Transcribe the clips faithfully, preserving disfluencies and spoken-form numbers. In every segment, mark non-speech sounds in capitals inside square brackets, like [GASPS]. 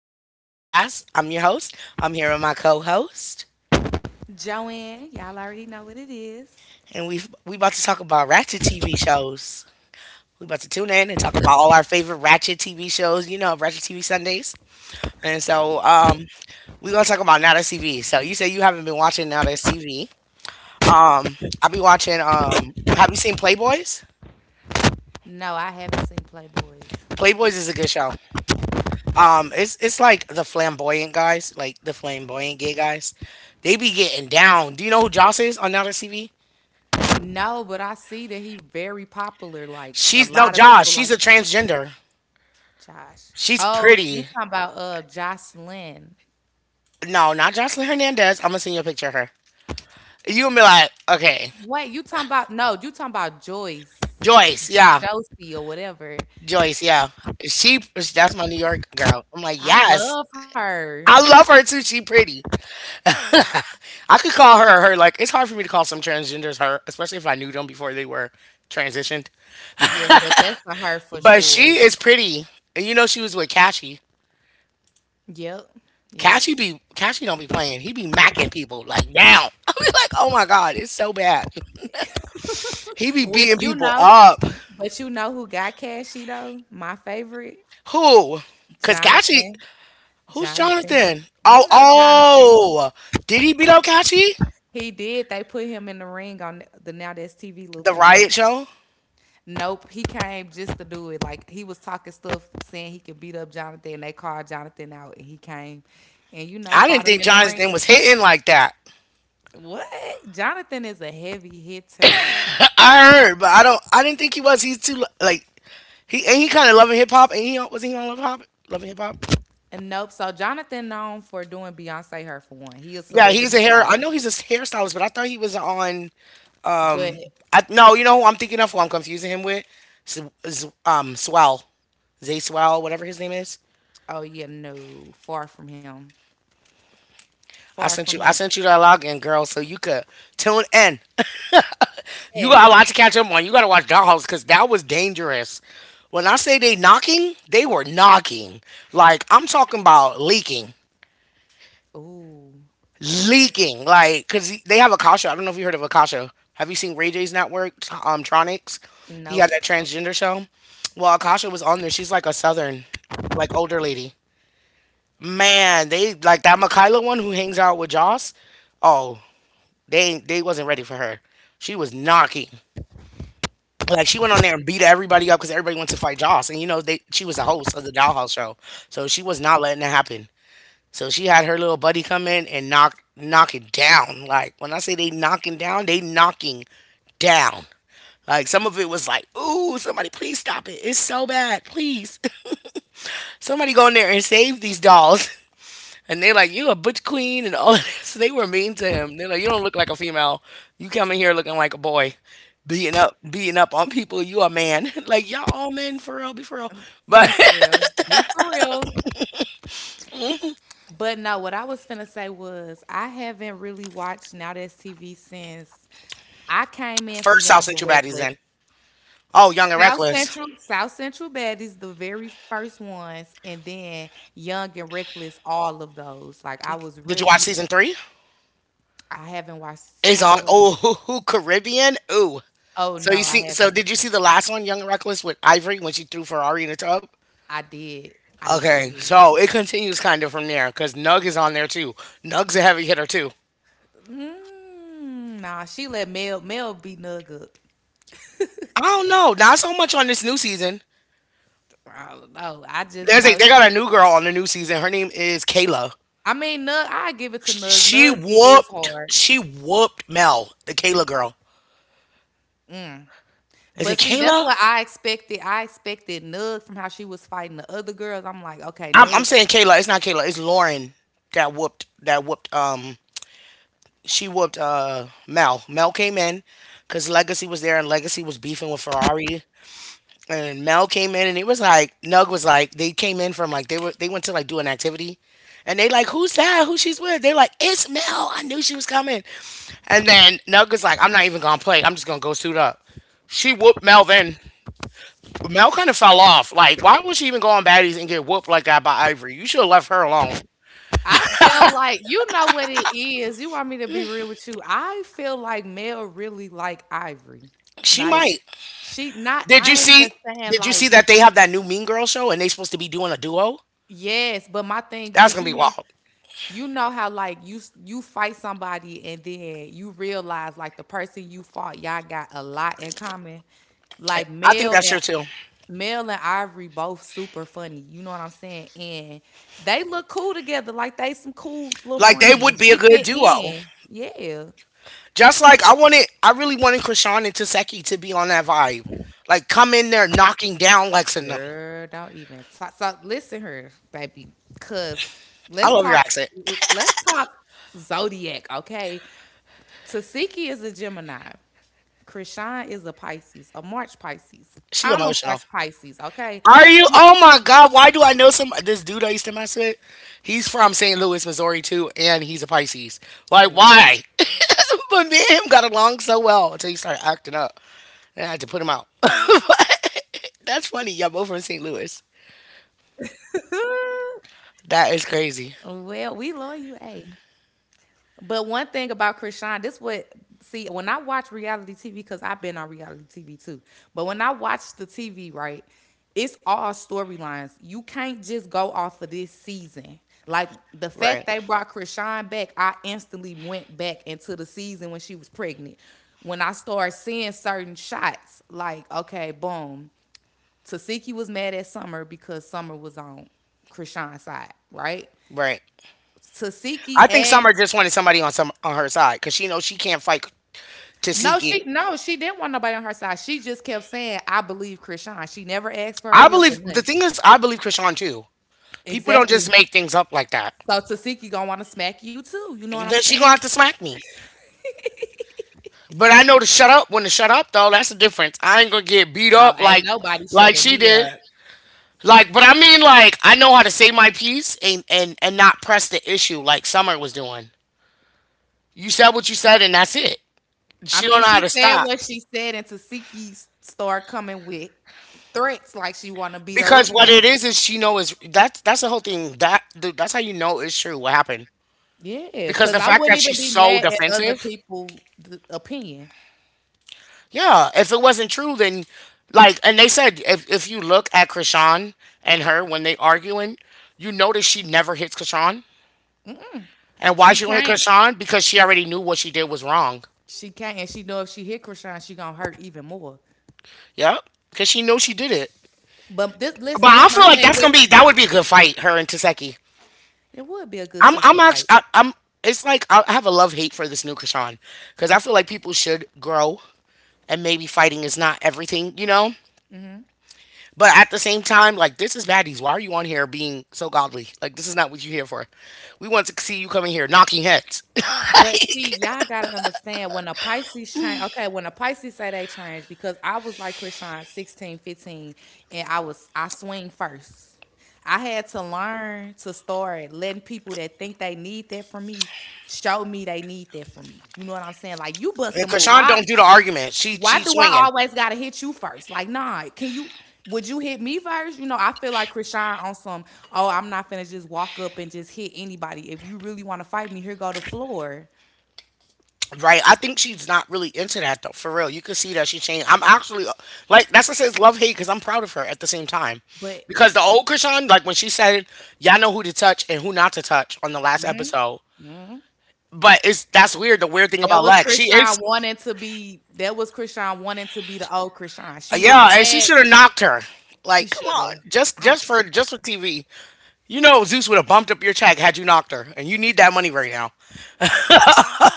This is my podcast. I'm your host. I'm here with my co-host, and we we about to talk about ratchet T V shows. We about to tune in and talk about all our favorite ratchet T V shows. You know, ratchet T V Sundays. And so, um, we gonna talk about Now That's T V. So you say you haven't been watching Now That's T V. I be watching. Um, have you seen Playboys? Playboys is a good show. Um, it's it's like the flamboyant guys, like the flamboyant gay guys. They be getting down. Do you know who Joss is on Now That's T V? She's no Josh. She's a transgender. She's pretty. No, not Jocelyn Hernandez. I'm gonna send you a picture of her. You gonna be like, okay, Joyce, yeah, Joyce, yeah. She, that's my New York girl. I'm like, yes, I love her too. She pretty. I could call her her. Like, it's hard for me to call some transgenders her, especially if I knew them before they were transitioned. But she is pretty, and you know she was with Cashy. Cashy be Cashy don't be playing. He be macking people like down. [LAUGHS] I be like, oh my god, it's so bad. He be beating people up. Who? Cause Kachi. Who's Jonathan? Oh, oh. Did he beat up Kachi? The riot show. I didn't think Jonathan was hitting like that. I heard, but I don't. I didn't think he was. He's too like he and he kind of loving hip hop. And he was not, he on Love Hop? Loving hip hop. Yeah, he's a hair. I know he's a hairstylist, but I thought he was on. I no, you know who I'm thinking of. Who I'm confusing him with? S- S- um, Swell, Zay Swell, whatever his name is. I sent you I sent you that login, girl, so you could tune in. [LAUGHS] You got a lot to catch up on. You gotta watch Dollhouse because that was dangerous. When I say they knocking, they were knocking. Like I'm talking about leaking, leaking. Like because they have Akasha. I don't know if you heard of Akasha. Have you seen Ray J's network, um, Tronics? He had that transgender show. Well, Akasha was on there. She's like a southern, like older lady. Man, they like that Mikaela one who hangs out with Joss. Oh, They they wasn't ready for her. She was knocking. Like she went on there and beat everybody up because everybody went to fight Joss, and you know they she was the host of the Dollhouse show, so she was not letting it happen. So she had her little buddy come in and knock knock it down. Like when I say they knocking down, they knocking down. Like some of it was like, ooh, somebody please stop it. It's so bad. Please. [LAUGHS] Somebody go in there and save these dolls. [LAUGHS] And they're like, "You a butch queen," and all of this. [LAUGHS] They were mean to him. They're like, "You don't look like a female. You come in here looking like a boy, beating up, beating up on people. You a man? [LAUGHS] Like y'all all men for real? Be for real." But [LAUGHS] first, I'll send you baddies in. Oh, Young and Reckless. Did you watch season three? It's on. Oh, [LAUGHS] Caribbean. Ooh. So you see? So did you see the last one, Young and Reckless, with Ivory when she threw Ferrari in the tub? Okay, so it continues kind of from there because Nug is on there too. Nug's a heavy hitter too. I don't know. Not so much on this new season. There's a They got a new girl on the new season. Her name is Kayla. Sh- She whooped. She whooped Mel, the Kayla girl. Is it Kayla? I'm I'm saying Kayla. It's not Kayla. It's Lauren that whooped that whooped um she whooped uh Mel. Mel came in because Legacy was there and Legacy was beefing with Ferrari. And Mel came in and it was like Nug was like they came in from like they were they went to like do an activity, and they like who's that, who she's with, they're like it's Mel, I knew she was coming. And then Nug was like, I'm not even gonna play, I'm just gonna go suit up. She whooped Mel then. Mel kind of fell off. Like why was she even going baddies and get whooped like that? By Ivory, you should have left her alone. She might. Did you see did you see that they have that new Mean Girl show, and they supposed to be doing a duo? That's gonna be wild. I think that's sure too. Like they would be a good duo. Just like I wanted, I really wanted Krishan and Taseki to be on that vibe. Like come in there knocking down Lex. And I love your accent. She emotional. Are you? Oh my God! Why do I know, some this dude I used to mess with? He's from saint Louis, Missouri too, and he's a Pisces. Like why? [LAUGHS] But me and him got along so well until he started acting up, and I had to put him out. [LAUGHS] That's funny. Y'all both from saint Louis. What? [LAUGHS] That is crazy. Well, we love you, A. But one thing about Krishan, this what see when I watch reality T V because I've been on reality T V too. But when I watch the T V, right, it's all storylines. You can't just go off of this season. Like the Right. fact they brought Krishan back, I instantly went back into the season when she was pregnant. When I started seeing certain shots, like okay, boom. Tasiki was mad at Summer because Summer was on Krishan's side, right? Right. Tasiki I think Summer asked, just wanted somebody on some on her side because she knows she can't fight to no, seek it. she no, she didn't want nobody on her side. She just kept saying, I believe Krishan. She never asked for her I help or believe, the nothing. thing is, I believe Krishan too. People don't just Exactly. make things up like that. So Tasiki gonna wanna smack you too. You know what And I'm then she gonna saying? have to smack me. But I know to shut up, when to shut up though. That's the difference. I ain't gonna get beat Oh, up ain't like nobody like shutting she me did. up. Like, but I mean, like I know how to say my piece and and and not press the issue like Summer was doing. You said what you said, and that's it. I She don't mean, know how she to said stop. what she said, and Tasiki s- started coming with threats like she wanna beat her Because up what now. it is is she know is that's that's the whole thing, that the, that's how you know it's true what happened, Yeah, because because the I fact wouldn't that even she's be so mad at other defensive. people's opinion. Yeah, if it wasn't true, then like, and they said, if if you look at Krishan and her when they arguing, you notice she never hits Krishan. And why She she don't hit can't. Krishan? Because she already knew what she did was wrong. She can't. And she know if she hit Krishan, she gonna hurt even more. Yep, because she knew she did it. But this listen, But I this my feel like thing that's with gonna be that would be a good fight, her and Taseki. it would be a good I'm sister I'm actually fight. I, I'm. It's like I I have a love hate for this new Krishan because I feel like people should grow, and maybe fighting is not everything, you know. But at the same time, like this is baddies. Why are you on here being so godly? Like this is not what you here for. We want to see you coming here knocking heads. [LAUGHS] But see, y'all gotta understand when a Pisces change, okay, when a Pisces say they change, because I was like Krishan sixteen, fifteen, and I was I swing first. I had to learn to start letting people that think they need that from me show me they need that from me. You know what I'm saying? Like you bust And a move. Krishan Why don't do the argument. She why she's do I swinging. always gotta hit you first? Like, nah, can you would you hit me first? You know, I feel like Krishan on some, oh, I'm not finna just walk up and just hit anybody. If you really wanna fight me, here go the floor. Right, I think she's not really into that though. For real, you can see that she changed. I'm actually uh, like that's what says love hate because I'm proud of her at the same time, But because the old Krishan, like when she said, "Y'all know who to touch and who not to touch" on the last mhm, episode, mhm. but it's that's weird. The weird thing that about was Lex, she is Krishan wanting to be that was Krishan wanting to be the old Krishan. She was yeah, and she mad. should have knocked her. She Like, come on, shoulda. just I just was for mad. just for T V. You know Zeus would have bumped up your check had you knocked her, and you need that money right now.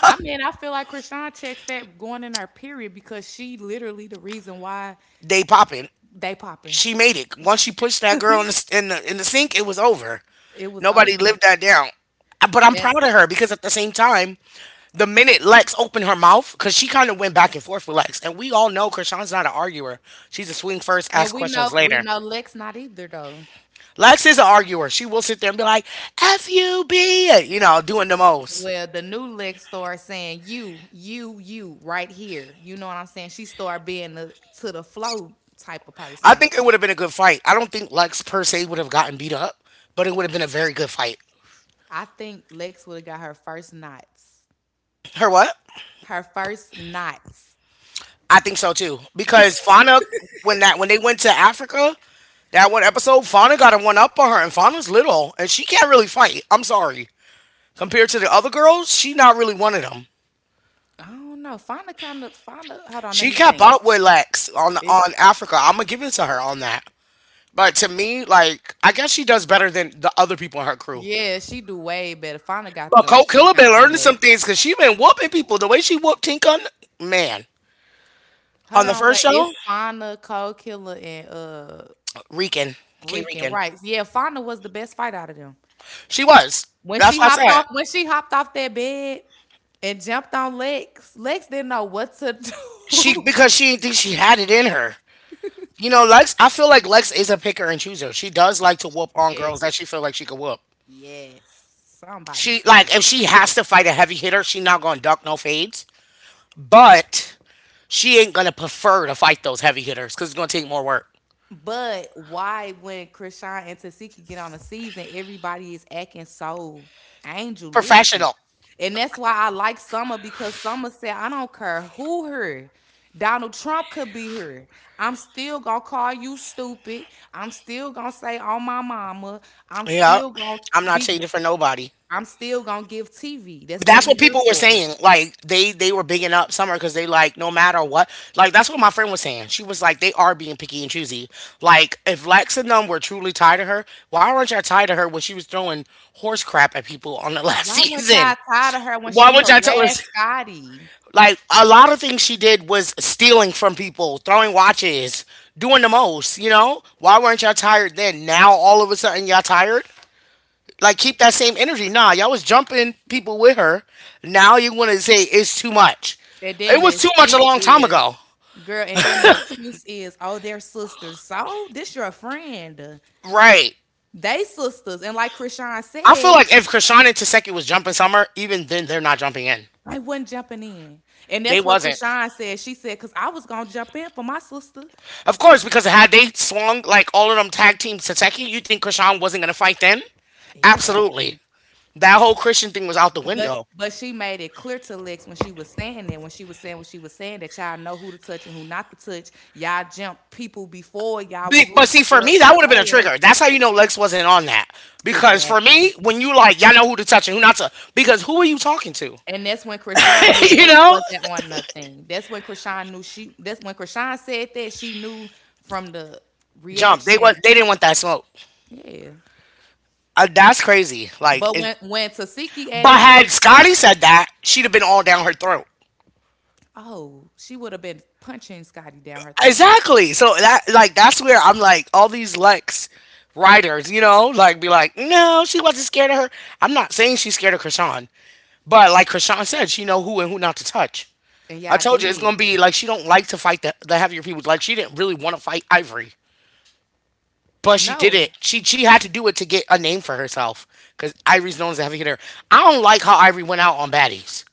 I mean, I feel like Krishan checked fat going in her period because she literally the reason why They popping. they popping. She made it. Once she pushed that girl in the in the, in the sink, it was over. It was Nobody over. lived that down. But I'm And proud of her because at the same time, the minute Lex opened her mouth, because she kind of went back and forth with Lex, and we all know Krishan's not an arguer. She's a swing first, And ask we know questions we later. know Lex not either though. Lex is an arguer. She will sit there and be like, "F you, B," you know, doing the most. Well, the new Lex started saying you, you, you right here. You know what I'm saying? She started being the to the flow type of I person. think it would have been a good fight. I don't think Lex per se would have gotten beat up, but it would have been a very good fight. I think Lex would have got her first knots. Her what? Her first knots. I think so too. Because Fauna, when that when they went to Africa, that one episode, Fauna got a one up on her, and Fauna's little, and she can't really fight. I'm sorry. Compared to the other girls, she not really one of them. I don't know. Fauna kind of Fauna. Hold on, let She me kept think. up with Lex on It's on Africa. I'm gonna give it to her on that. But to me, like I guess she does better than the other people in her crew. yeah, she do way better. Fauna got But them. Cole She Killer got been them. learning Look. some things because she been whooping people the way she whooped Tinka. Man, Hold on the on, first wait. show, It's Fauna, Cold Killer, and uh Regan, Kay Rick and Regan. Rice. Yeah, Fauna was the best fight out of them. She was. When That's she what I hopped said. off, when she hopped off that bed and jumped on Lex, Lex didn't know what to She do. because she didn't think she had it in her. You know, Lex. I feel like Lex is a picker and chooser. She does like to [LAUGHS] whoop on girls Yes, that she feel like she could whoop. yes. Somebody She like said. if she has to fight a heavy hitter, she not gonna duck no fades. But she ain't gonna prefer to fight those heavy hitters because it's gonna take more work. But why when Krishan and Tasiki get on a season, everybody is acting so angelistic. Professional. And that's why I like Summer because Summer said, I don't care who her. Donald Trump could be her. I'm still gonna call you stupid. I'm still gonna say on my mama. I'm Yeah, still gonna I'm not be changing for nobody. I'm still gonna give T V. That's what That's we what here people were for. saying. Like they they were bigging up Summer because they like no matter what. Like that's what my friend was saying. She was like they are being picky and choosy. Like if Lex and them were truly tied to her, why weren't y'all tied to her when she was throwing horse crap at people on the last [LAUGHS] Why weren't season? y'all tired of her when Why she would y'all tell her? harassed Scotty? Like a lot of things she did was stealing from people, throwing watches, doing the most. You know, why weren't y'all tired then? Now all of a sudden y'all tired. Like keep that same energy. Nah, y'all was jumping people with her. Now you want to say it's too much. And then It the was too much a excuse long time is, ago. girl, and then the excuse is, oh, they're sisters. So this your friend. Right. They sisters. And like Krishan I feel said, like if Krishan and Taseki was jumping Summer, even then they're not jumping in. I wasn't jumping in. And They that's what wasn't. Krishan said. She said, because I was gonna jump in for my sister. Of course, because had they swung like all of them tag team Taseki, you think Krishan wasn't gonna fight then? Absolutely. Exactly. That whole Christian thing was out the But window. but she made it clear to Lex when she was saying that, when she was saying what she was saying, that y'all know who to touch and who not to touch. Y'all jumped people before y'all Be- was with But see, this for girl me, that would have been a before. trigger. That's how you know Lex wasn't on that. Because for Exactly. me, when you like, y'all know who to touch and who not to. Because who are you talking to? And that's when Krishan knew [LAUGHS] You Lex know, wasn't on nothing. That's when Krishan knew she that's when Krishan said that she knew from the jump. They was reaction. They didn't want that smoke. Yeah. Uh, that's crazy. Like, But it, when when Tasiki but asked had Krishan, Scotty said that, she'd have been all down her throat. oh, she would have been punching Scotty down her throat. Exactly. So that like that's where I'm like all these Lex writers, you know, like be like, no, she wasn't scared of her. I'm not saying she's scared of Krishan, but like Krishan said, she know who and who not to touch. And I y'all told you it's gonna did. be like she don't like to fight the, the heavier people. Like she didn't really want to fight Ivory. But she did No. it. She she had to do it to get a name for herself. Cause Ivory's known as a heavy hitter. I don't like how Ivory went out on baddies.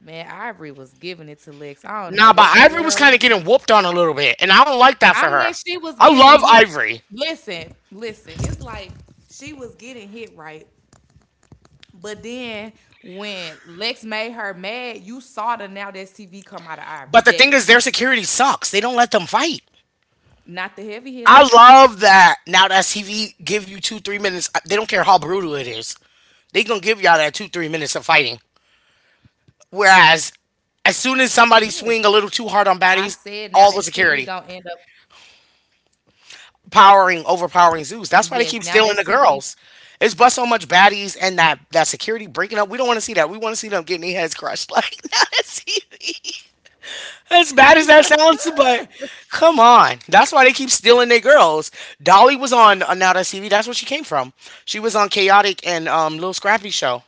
Man, Ivory was giving it to Lex. I don't know Nah, but what the Ivory was world. kind of getting whooped on a little bit, and I don't like that for I her. mean, she was I getting love hit. Ivory, Listen, listen. It's like she was getting hit right. But then when Lex made her mad, you saw the now that's T V come out of Ivory. but the That thing is, their security sucks. They don't let them fight. not the heavy I hitters. love that Now that T V give you two three minutes. uh, They don't care how brutal it is. They gonna give y'all that two three minutes of fighting. Whereas, Yes. as soon as somebody swing a little I too hard on said now baddies, that's T V all gonna the end security. up. Powering Overpowering Zeus. That's why they Yes, keep now that's stealing the T V. girls. It's but so much baddies and that that security breaking up. We don't want to see that. We want to see them getting their heads crushed. [LAUGHS] Like not on T V. As bad as that sounds, but come on. That's why they keep stealing their girls. Dolly was on uh, Now That's T V. That's where she came from. She was on Chaotic and um, Little Scrappy show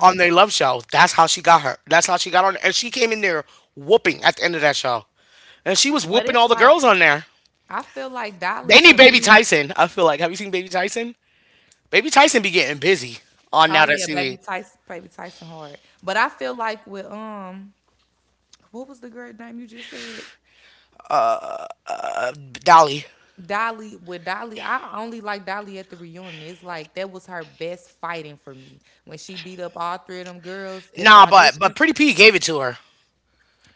on their love show. That's how she got her. That's how she got on. And she came in there whooping at the end of that show. And she was But whooping it's all the like girls on there. I feel like Dolly They need to Baby me. Tyson. I feel like. Have you seen Baby Tyson? Baby Tyson be getting busy on Oh Now That yeah, baby Seaweed. Tyson, baby Tyson hard. But I feel like with um what was the girl's name you just said? Dolly. Dolly with Dolly, I only like Dolly at the reunion. It's like that was her best fighting for me when she beat up all three of them girls at the Nah, but audition. but Pretty P gave it to her.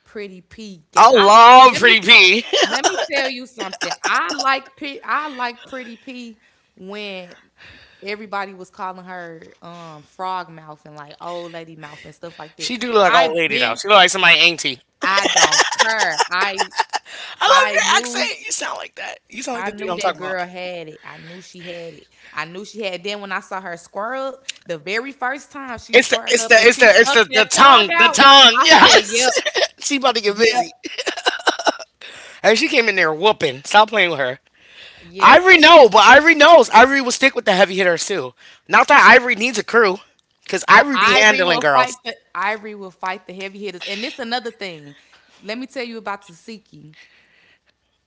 Pretty P, I ga- I love let me Pretty P. let me tell you something. I like P, I like Pretty P when everybody was calling her um frog mouth and like old lady mouth and stuff like [LAUGHS] that. She do look like an I old lady though. been She look like somebody auntie. I don't care. I I love I your knew accent. You sound like that. You sound like I the dude knew I'm that talking about. girl had it. I knew she had it. I knew she had. Then when I saw her squirrel, the very first time she It's the squirted it's up the and it's the she it's stuck the, the that tongue tongue. The out, tongue. I said, Yes. "Yep, [LAUGHS] She about to get yep, busy. And she came in there whooping. Stop playing with her. yep." Ivory, no, but Ivory knows. Ivory will stick with the heavy hitters too. Not that Ivory needs a crew, because But Ivory be Ivory handling will fight girls. the Ivory will fight the heavy hitters. And this another thing. Let me tell you about Tasiki.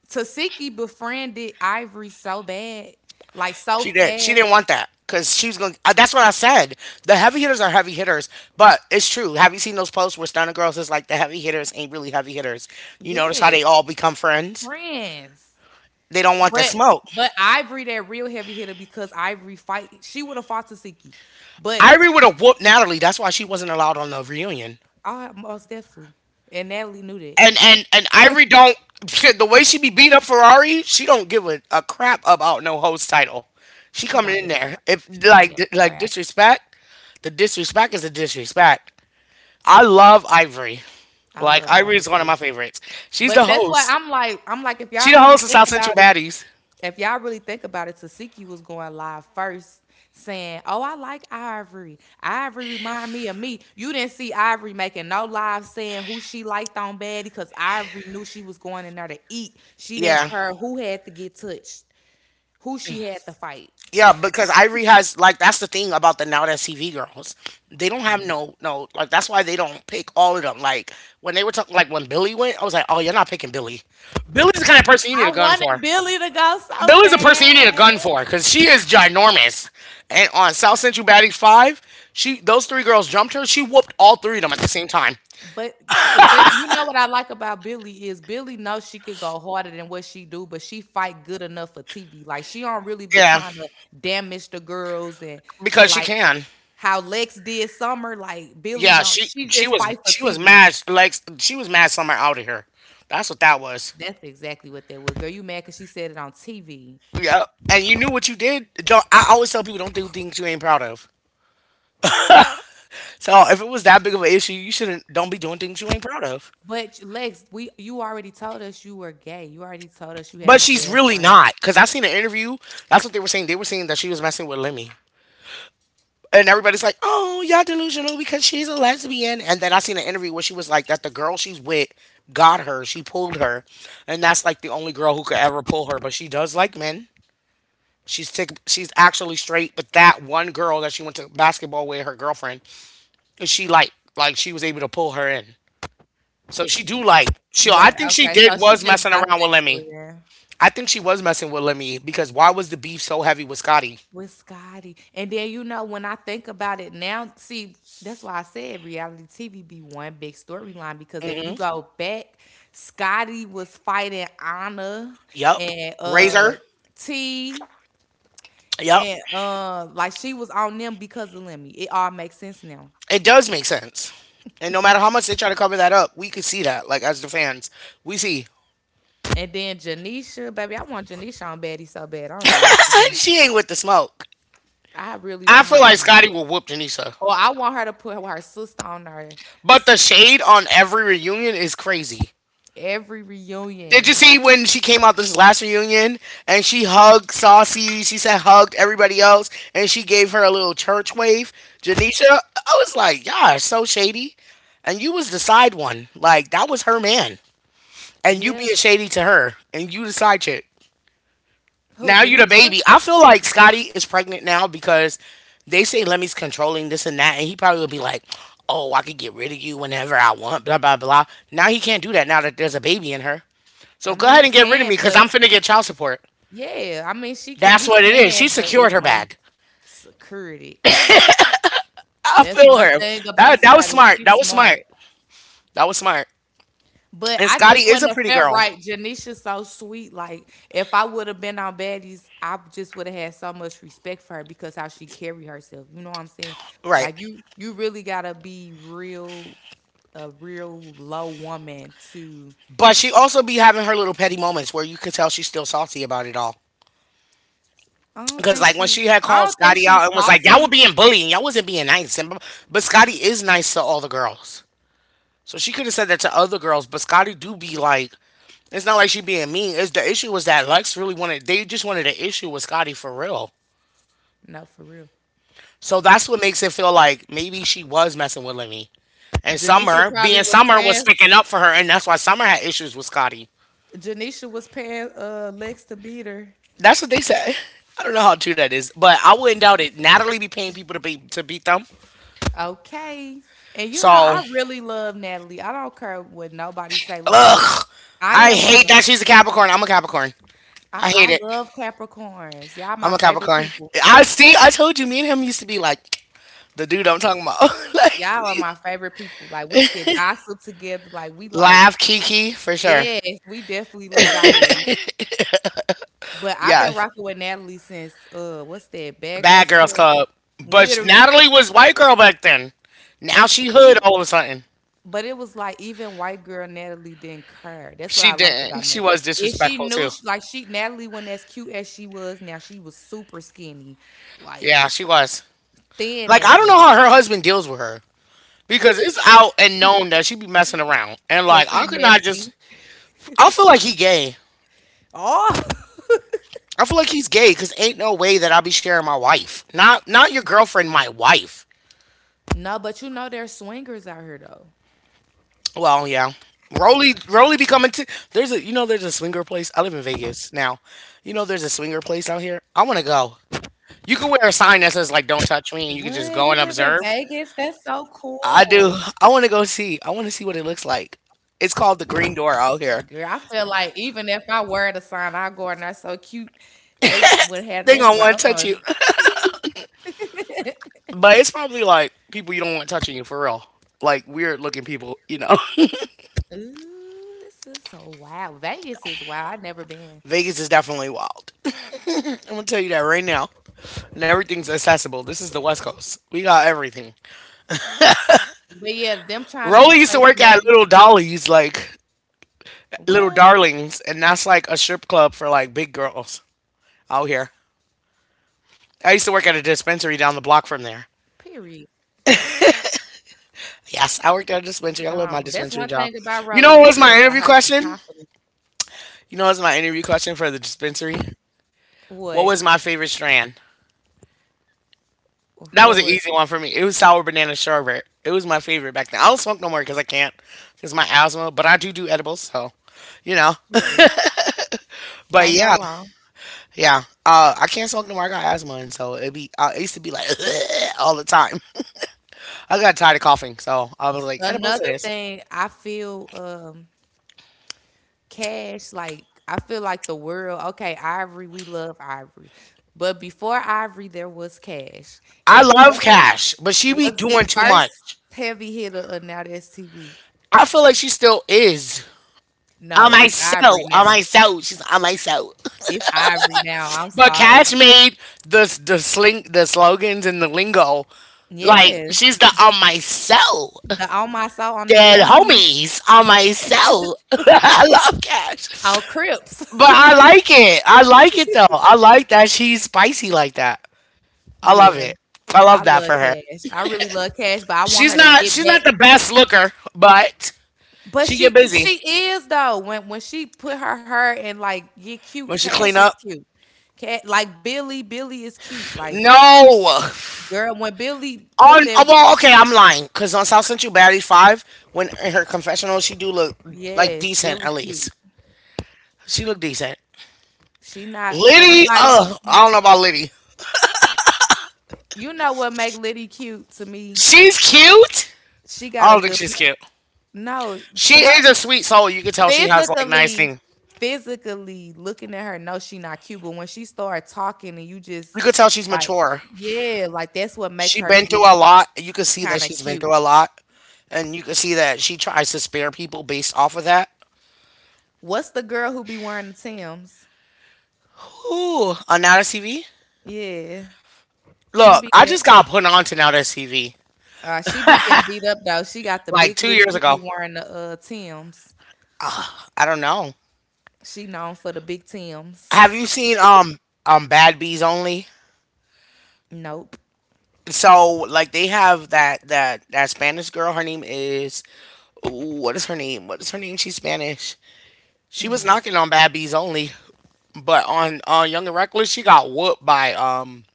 Tasiki befriended Ivory so bad, like so She did. She fast. didn't want that because she was going. That's what I said. The heavy hitters are heavy hitters, but it's true. Have you seen those posts where stunner girls is like the heavy hitters ain't really heavy hitters? You notice how they Yes, all become friends. friends. They don't want the But smoke. but Ivory that real heavy hitter because Ivory fight she would have fought Tasiki. But Ivory would have whooped Natalie. That's why she wasn't allowed on the reunion. I most definitely. And Natalie knew that. And and and Ivory don't. [LAUGHS] The way she be beating up Ferrari, she don't give a, a crap about no host title. She She coming don't in give a there fuck. if She don't like give a like crap. disrespect. The disrespect is the disrespect. I love Ivory. I Like love Irie Ivory is one of too. my favorites. She's But the that's why host. I'm like, I'm like, if She y'all the really host of think South Central about it, Baddies. If y'all really think about it, Tasiki was going live first saying, Oh, I like Ivory. Ivory remind me of me. You didn't see Ivory making no live saying who she liked on Betty because Ivory knew she was going in there to eat. She didn't Yeah. care who had to get touched, who she had to fight. Yeah, because Ivory has like that's the thing about the Now That's T V girls. They don't have no no like that's why they don't pick all of them. Like when they were talking like when Billy went, I was like, "Oh, you're not picking Billy. Billy's the kind of person you need I a gun wanted for. Billy to go so Billy's the person you need a bad. gun for cuz she is ginormous." And on South Central Baddies five, she those three girls jumped her. She whooped all three of them at the same time. But the thing, you know what I like about Billy is Billy knows she could go harder than what she do, but she fight good enough for T V. Like she don't really be Yeah, trying to damage the girls and because she like can. how Lex did Summer. Like Billy Yeah, don't, she she she just was fight for she was T V. mad like she was mad somewhere out of here. That's what that was. That's exactly what that was. Girl, you mad because she said it on T V. Yeah. And you knew what you did. Don't I always tell people don't do things you ain't proud of. So if it was that big of an issue, you shouldn't don't be doing things you ain't proud of. But Lex, we you already told us you were gay. You already told us you had a But she's really girlfriend. not, because I seen an interview. That's what they were saying. They were saying that she was messing with Lemmy. And everybody's like, oh, y'all delusional because she's a lesbian. And then I seen an interview where she was like, that the girl she's with got her. She pulled her. And that's like the only girl who could ever pull her. But she does like men. She's tick, she's actually straight, but that one girl that she went to basketball with, her girlfriend, and she like like she was able to pull her in. So she do like she. I Right. think she Okay. did So she's was just messing around with bisexual. Lemmy. Yeah. I think she was messing with Lemmy because why was the beef so heavy with Scotty? with Scotty. And then you know when I think about it now, see that's why I said reality T V be one big storyline because if you Hmm. go back, Scotty was fighting Anna Yup. and uh Razor. T Yup. and uh like she was on them because of Lemmy. It all makes sense now. It does make sense. And no matter how much they try to cover that up, we could see that. Like as the fans, we see. And then Janisha, baby, I want Janisha on Baddie so bad. I don't know what to [LAUGHS] do. She ain't with the smoke. I really I want feel her like on there. Scotty will whoop Janisa. Or I want her to put her sister on there But the shade on every reunion is crazy. every Did you reunion. see when she came out this last reunion and she hugged Saucy? She said hugged everybody else and she gave her a little church wave. Janisha, I was like, y'all are so shady. And you was the side one. Like, that was her man. And you Yeah. being shady to her and you the side chick. Who, Now you the Janisha? baby. I feel like Scotty is pregnant now because they say Lemmy's controlling this and that. And he probably would be like, oh, I could get rid of you whenever I want, blah, blah, blah. Now he can't do that now that there's a baby in her. I So go mean, ahead he and get rid of can, me because but I'm finna get child support. yeah, I mean, she can. That's He what it is. She can, but secured it's her money bag. security. [LAUGHS] I That's feel one her. thing about That that was Scotty. smart. She's That was smart. smart. That was smart. But And I Scotty just is wouldn't a have pretty felt girl. right. Janisha's so sweet. Like if I would have been on baddies, I just would have had so much respect for her because how she carry herself. You know what I'm saying? Right. Like you, you really gotta be real, a real low woman to. But she also be having her little petty moments where you could tell she's still salty about it all. I don't Because think like when she. she had I called don't think Scotty out she's and was like, y'all were salty. being bullied and y'all wasn't being nice. And, but Scotty is nice to all the girls. So she could have said that to other girls, but Scotty do be like it's not like she being mean. It's the issue was that Lex really wanted they just wanted an issue with Scotty for real. No, for real. So that's what makes it feel like maybe she was messing with Lenny. And Janisha Summer, probably being was Summer, was paying picking up for her, and that's why Summer had issues with Scotty. Janisha was paying uh Lex to beat her. That's what they said. [LAUGHS] I don't know how true that is, but I wouldn't doubt it. Natalie be paying people to be to beat them. Okay. And you know, So, I really love Natalie. I don't care what nobody say. Like, ugh, I I am a, hate mo- that she's a Capricorn. I'm a Capricorn. I, I I hate it. love Capricorns. Y'all I'm my a favorite Capricorn. people. I see. I told you, me and him used to be like the dude I'm Y- talking about. [LAUGHS] like, y'all are we my favorite people. Like, we could gossip together. Like, we like, laugh, Kiki for sure. yes, we definitely little diary. But I've Yeah, been rocking with Natalie since uh, what's that? Bad Bad Girls Girls Club. Club. But Literally. Natalie was white girl back then. Now And she hood even all of a sudden. But it was like even white girl Natalie didn't care. That's what She I liked about didn't. She Natalie. was If she disrespectful knew, too. she, like she Natalie wasn't as cute as she was now. She was super skinny, like Yeah, she was. Like thin I don't as know a, how her husband deals with her because it's out and known that she be messing around. And like cause I he could not just. messy. I feel like he gay. Oh I feel like he's gay because ain't no way that I'll be sharing my wife. Not not your girlfriend, my wife. [LAUGHS] no, but you know there's swingers out here though. Well, yeah. Roly Roly becoming t- there's a you know there's a swinger place. I live in Vegas now. You know there's a swinger place out here. I want to go. You could wear a sign that says like "Don't touch me," and What you could you just live go in and observe. Vegas? That's so I cool, do. I want to go see. I want to see what it looks like. It's called the Green Door out here. girl. I feel like even if I were the sign, I go and that's so cute. They would have They that gonna be like, want uh, to touch uh you, [LAUGHS] but it's probably like people you don't want touching you for real. Like weird looking people, you know. Ooh, this is so wild. Vegas is wild. I've never been. [LAUGHS] Vegas is definitely wild. [LAUGHS] I'm gonna tell you that right now. And everything's accessible. This is the West Coast. We got everything. But yeah, them trying to Rolly used to replace work at Natty. Little Dolly's, like Little What? Darlings, and that's like a strip club for like big girls out here. I used to work at a dispensary down the block from there. Period. Yes, I worked at a dispensary. I love my Gone. That's dispensary one job. thing about You Rolly. know what That was girl my got interview her some question? confidence. You know what was my interview question for the dispensary? What What? was my favorite strand? What That was an was easy it? one for me. It was sour banana sherbet. It was my favorite back then. I don't smoke no more because I can't, because my asthma. But I do do edibles, so you know. Period. But Can't go yeah, wrong. yeah. Uh, I can't smoke no more. I got asthma, and so it be. I it used to be like [LAUGHS] all the time. I got tired of coughing, so I was like, edibles it Another is. thing, I feel um Cash like I feel like the world. Okay, Ivory, we love Ivory, but before Ivory, there was Cash, I and love Cash Cash, but she be was the doing too first much. heavy hitter of Now That's T V. I feel like she still is. No, On my it's Ivory soul, on now. my soul, she's on my soul. It's Ivory now. I'm But sorry. Cash made the the sling the slogans and the lingo like Yeah, she's the on my soul. the all my soul on the Dead dead homies. homies on my soul. [LAUGHS] I love Cash, Oh, Crips. but [LAUGHS] I like it. I like it though. I like that she's spicy like that. I love Yeah, it. I I love that love for her. Cash. I really love Cash, but I want She's her to not get she's back. not the best looker, but But she she get busy she is though. When when she put her hair and like get cute, when she Cash clean is up. cute. Cat like Billy, Billy is cute. Like No. girl, when Billy put On that oh, well, okay, I'm lying because on South Central Battery Five, when in her confessional, she do look like yes, decent Billy at cute. least. She look decent. She not Liddy, everybody. uh, I don't know about Liddy. You know what make Liddy cute to me? She's cute. She got I a don't think good. she's Per- cute. no, She sh- is her a sweet soul. You could tell she has like nice physically, thing. physically looking at her, no, she not cute, but when she start talking and you just You could tell she's like, mature. yeah, like that's what make She her been through get a lot. You could see kind that of she's been cute. through a lot, and you could see that she tries to spare people based off of that. What's the girl who be wearing the Tims? Ooh, on Now T V. Yeah, she Look, be I just get got put on to Now T V uh she be getting beat up though. She got the like big two lips, years she be ago. wearing the uh Tims. I don't know. She known for the big Tims. Have you seen um um Bad Bees Only? [LAUGHS] Nope. So like they have that that that Spanish girl. Her name is ooh, what is her name? What is her name? She's Spanish. She was Mm. knocking on Bad Bees Only, but on uh, Young and Reckless, she got whooped by um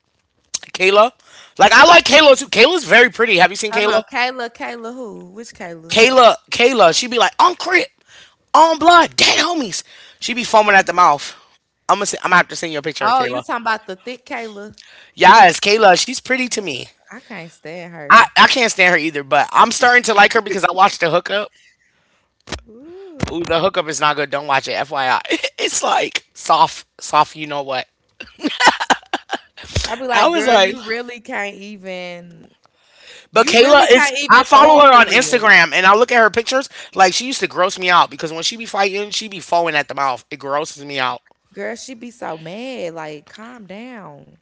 Kayla. Like I like Kayla too. Kayla's very pretty. Have you seen Hold on, Kayla? Kayla, Kayla who? Which Kayla? Kayla, Kayla, she be like on crip, on blood, dead homies. She be foaming at the mouth. I'm gonna, I'm gonna have to send you a picture of Oh, you Kayla. talking about the thick Kayla? Yes, Kayla, she's pretty to me. I can't stand I, her. I can't stand her either, but I'm starting to like her because I watched the hookup. Ooh. Ooh, the hookup is not good. Don't watch it, F Y I. [LAUGHS] It's like soft, soft, you know what. I'd be I like, was girl, like, you really can't even, but you Kayla really is. can't I even throw 'em follow her for on real. Instagram and I look at her pictures. Like, she used to gross me out because when she be fighting, she be foaming at the mouth. It grosses me out. Girl, she be so mad. Like, calm down.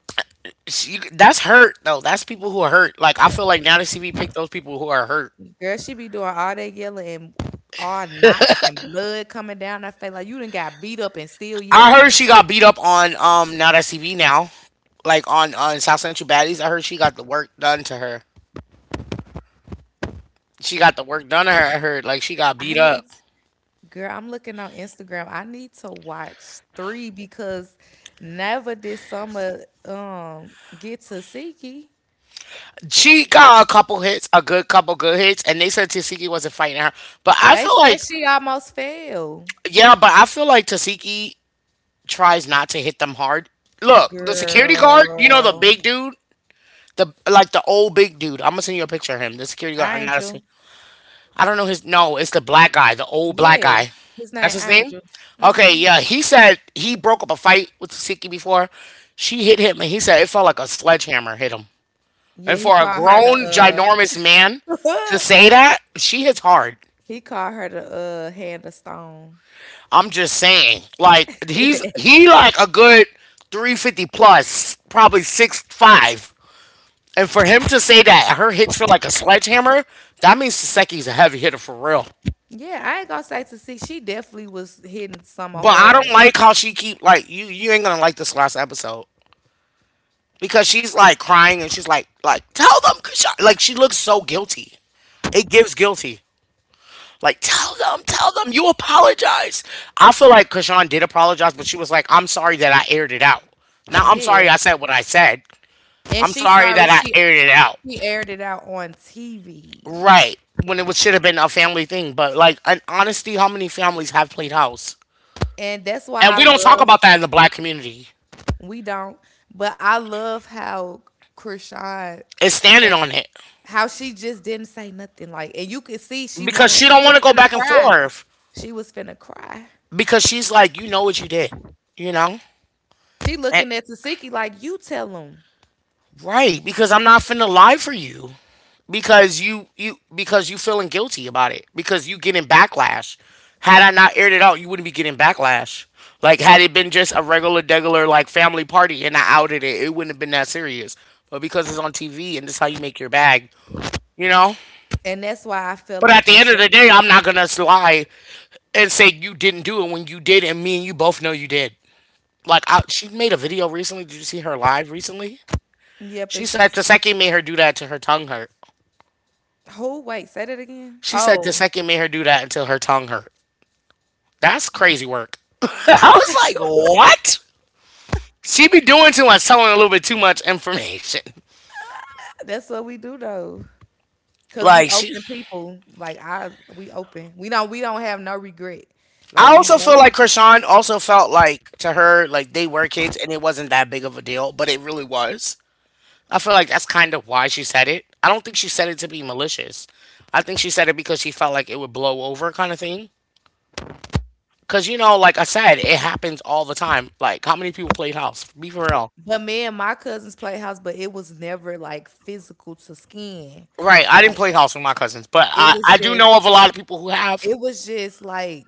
She, that's hurt, though. That's people who are hurt. Like, I feel like now that C V picked those people who are hurt. Girl, she be doing all that yelling and all knots and blood coming down her face. Like, you done got beat up and still I heard yelling. she got beat up on um now that C V now, like on on South Central Baddies. I heard she got the work done to her. She got the work done to her. I heard like she got I beat need, up. girl, I'm looking on Instagram. I need to watch three because never did Summer um get to Siki. She got a couple hits, a good couple good hits, and they said Tasiki wasn't fighting her. But I They feel like, said she almost fell. yeah, but I feel like Tasiki tries not to hit them hard. Look, the security guard, you know the Girl, big dude, the like the old big dude. I'm gonna send you a picture of him. The security I guard, ain't you. honestly, I don't know his. No, it's the black guy, the old black Yeah, guy. his That's name his name. Angel. Okay, Hmm. yeah, he said he broke up a fight with Tasiki before. She hit him, and he said it felt like a sledgehammer hit him. Yeah, And he for a called her grown, the ginormous man to uh say that, she hits hard. [LAUGHS] he called her the uh hand of stone. I'm just saying. Like he's [LAUGHS] he like a good three fifty plus, probably six five. And for him to say that her hits feel like a sledgehammer, that means Saseki's a heavy hitter for real. Yeah, I ain't gonna say to see. She definitely was hitting Summer But I don't hard. like how she keep like you. You ain't gonna like this last episode because she's like crying and she's like like tell them Krishan. Like she looks so guilty. It gives guilty. Like, tell them, tell them you apologize. I feel like Kashawn did apologize, but she was like, I'm sorry that I aired it out. Now, I'm sorry Yeah, I said what I said. and I'm she sorry sorry that I she aired it out. she aired it out on T V, Right. When it was, should have been a family thing. But, like, in honesty, how many families have played house? and that's why And I we don't talk love about that in the black community. we don't. But I love how Krishan It's standing went, on it how she just didn't say nothing. Like, and you could see she because wanted, she she don't want was to go finna back and cry. forth She was finna cry. because she's like, you know what you did, you know? She And, looking at Tasiki like, you tell him, right. Because I'm not finna lie for you. Because you you because you feeling guilty about it because you getting backlash. Had I not aired it out, you wouldn't be getting backlash. Like had it been just a regular degular like family party and I outed it, it wouldn't have been that serious. But because it's on T V and it's how you make your bag, you know. and that's why I feel But at like the it end of should. the day, I'm not gonna lie and say you didn't do it when you did, and me and you both know you did. Like I, she made a video recently. Did you see her live recently? Yep, and She said she's Taseki made her do that to her tongue hurt. who? Wait, say that again. She said Oh, Taseki made her do that until her tongue hurt. That's crazy work. [LAUGHS] I was like, what? She be doing too much, telling a little bit too much information. [LAUGHS] that's what we do though, cause we Like she, open people. Like I, we open. We don't. We don't have no regret. Like I we also go. feel like Krishan also felt like to her like they were kids and it wasn't that big of a deal, but it really was. I feel like that's kind of why she said it. I don't think she said it to be malicious. I think she said it because she felt like it would blow over, kind of thing. Cause you know, like I said, it happens all the time. Like how many people played house? Be for real. But me and my cousins played house, but it was never like physical to skin. Right, I didn't Like play house with my cousins, but it I, I was do just. know of a lot of people who have. It was just like